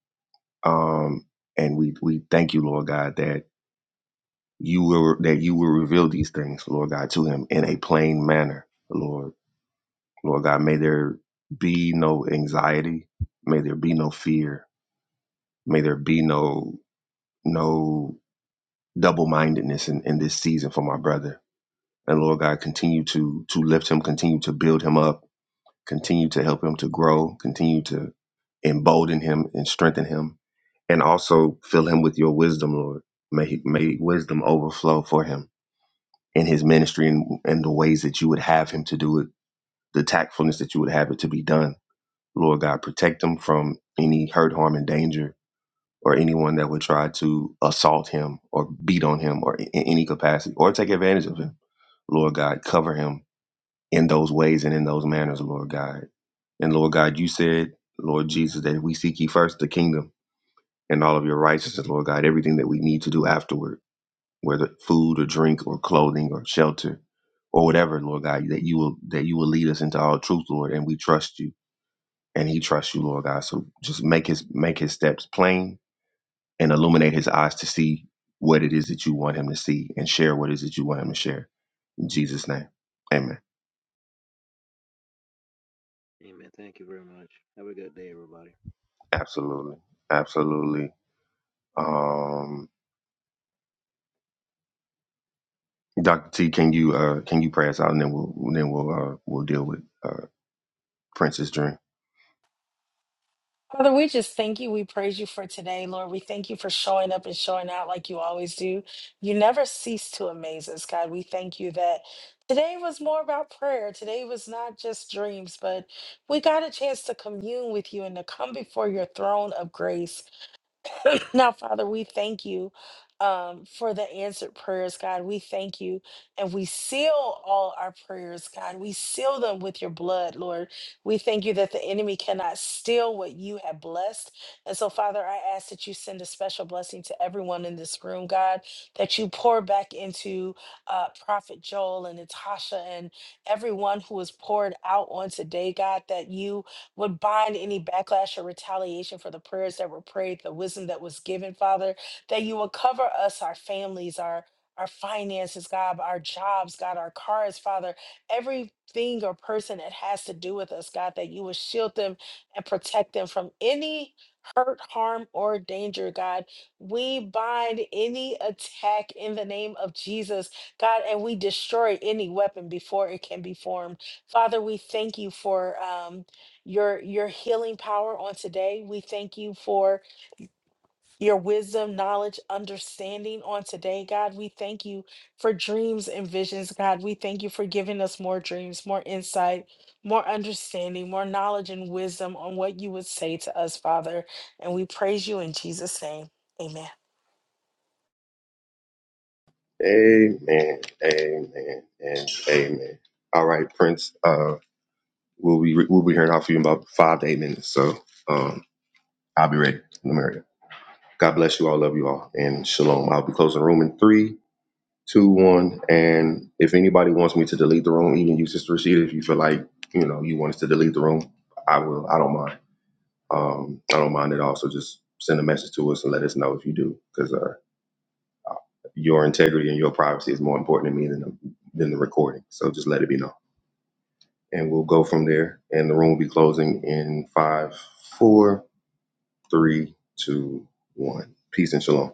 Speaker 1: Um, and we, we thank you, Lord God, that you will that you will reveal these things, Lord God, to him in a plain manner, Lord. Lord God, may there be no anxiety, may there be no fear, may there be no no double mindedness in, in this season for my brother. And Lord God, continue to to lift him, continue to build him up, continue to help him to grow, continue to embolden him and strengthen him, and also fill him with your wisdom, Lord. May he, may wisdom overflow for him in his ministry and, and the ways that you would have him to do it, the tactfulness that you would have it to be done. Lord God, protect him from any hurt, harm, and danger or anyone that would try to assault him or beat on him or in in any capacity or take advantage of him. Lord God, cover him in those ways and in those manners, Lord God. And Lord God, you said, Lord Jesus, that if we seek ye first the kingdom and all of your righteousness, Lord God, everything that we need to do afterward, whether food or drink or clothing or shelter or whatever, Lord God, that you will that you will lead us into all truth, Lord, and we trust you. And he trusts you, Lord God. So just make his make his steps plain and illuminate his eyes to see what it is that you want him to see and share what it is that you want him to share. In Jesus' name. Amen.
Speaker 8: amen. Thank you very much. Have a good day, everybody.
Speaker 1: Absolutely. Absolutely. Um Dr. T, can you uh can you pray us out and then we'll then we'll uh we'll deal with uh Prince's dream.
Speaker 2: Father, we just thank you. We praise you for today, Lord. We thank you for showing up and showing out like you always do. You never cease to amaze us, God. We thank you that today was more about prayer. Today was not just dreams, but we got a chance to commune with you and to come before your throne of grace. Now, Father, we thank you um, for the answered prayers, God. We thank you. And we seal all our prayers, God. We seal them with your blood, Lord. We thank you that the enemy cannot steal what you have blessed. And so, Father, I ask that you send a special blessing to everyone in this room, God, that you pour back into uh, Prophet Joel and Natasha and everyone who was poured out on today, God, that you would bind any backlash or retaliation for the prayers that were prayed, the wisdom that was given, Father, that you will cover us, our families, our our finances, God, our jobs, God, our cars, Father, everything or person that has to do with us, God, that you will shield them and protect them from any hurt, harm, or danger, God. We bind any attack in the name of Jesus, God, and we destroy any weapon before it can be formed. Father, we thank you for. um, your your healing power on today. We thank you for your wisdom, knowledge, understanding on today, God. We thank you for dreams and visions, God. We thank you for giving us more dreams, more insight, more understanding, more knowledge and wisdom on what you would say to us, Father. And we praise you in Jesus' name. Amen.
Speaker 1: Amen. Amen. And amen. All right, Prince, uh we'll be we'll be hearing off you in about five to eight minutes. So um I'll be ready. Let me hurry up. God bless you all, love you all, and shalom. I'll be closing the room in three, two one and if anybody wants me to delete the room even you sister Rashida, if you feel like you know you want us to delete the room i will i don't mind um i don't mind at all so just send a message to us and let us know if you do because uh your integrity and your privacy is more important to me than the, than the recording so just let it be known and we'll go from there and the room will be closing in five four three two one peace and shalom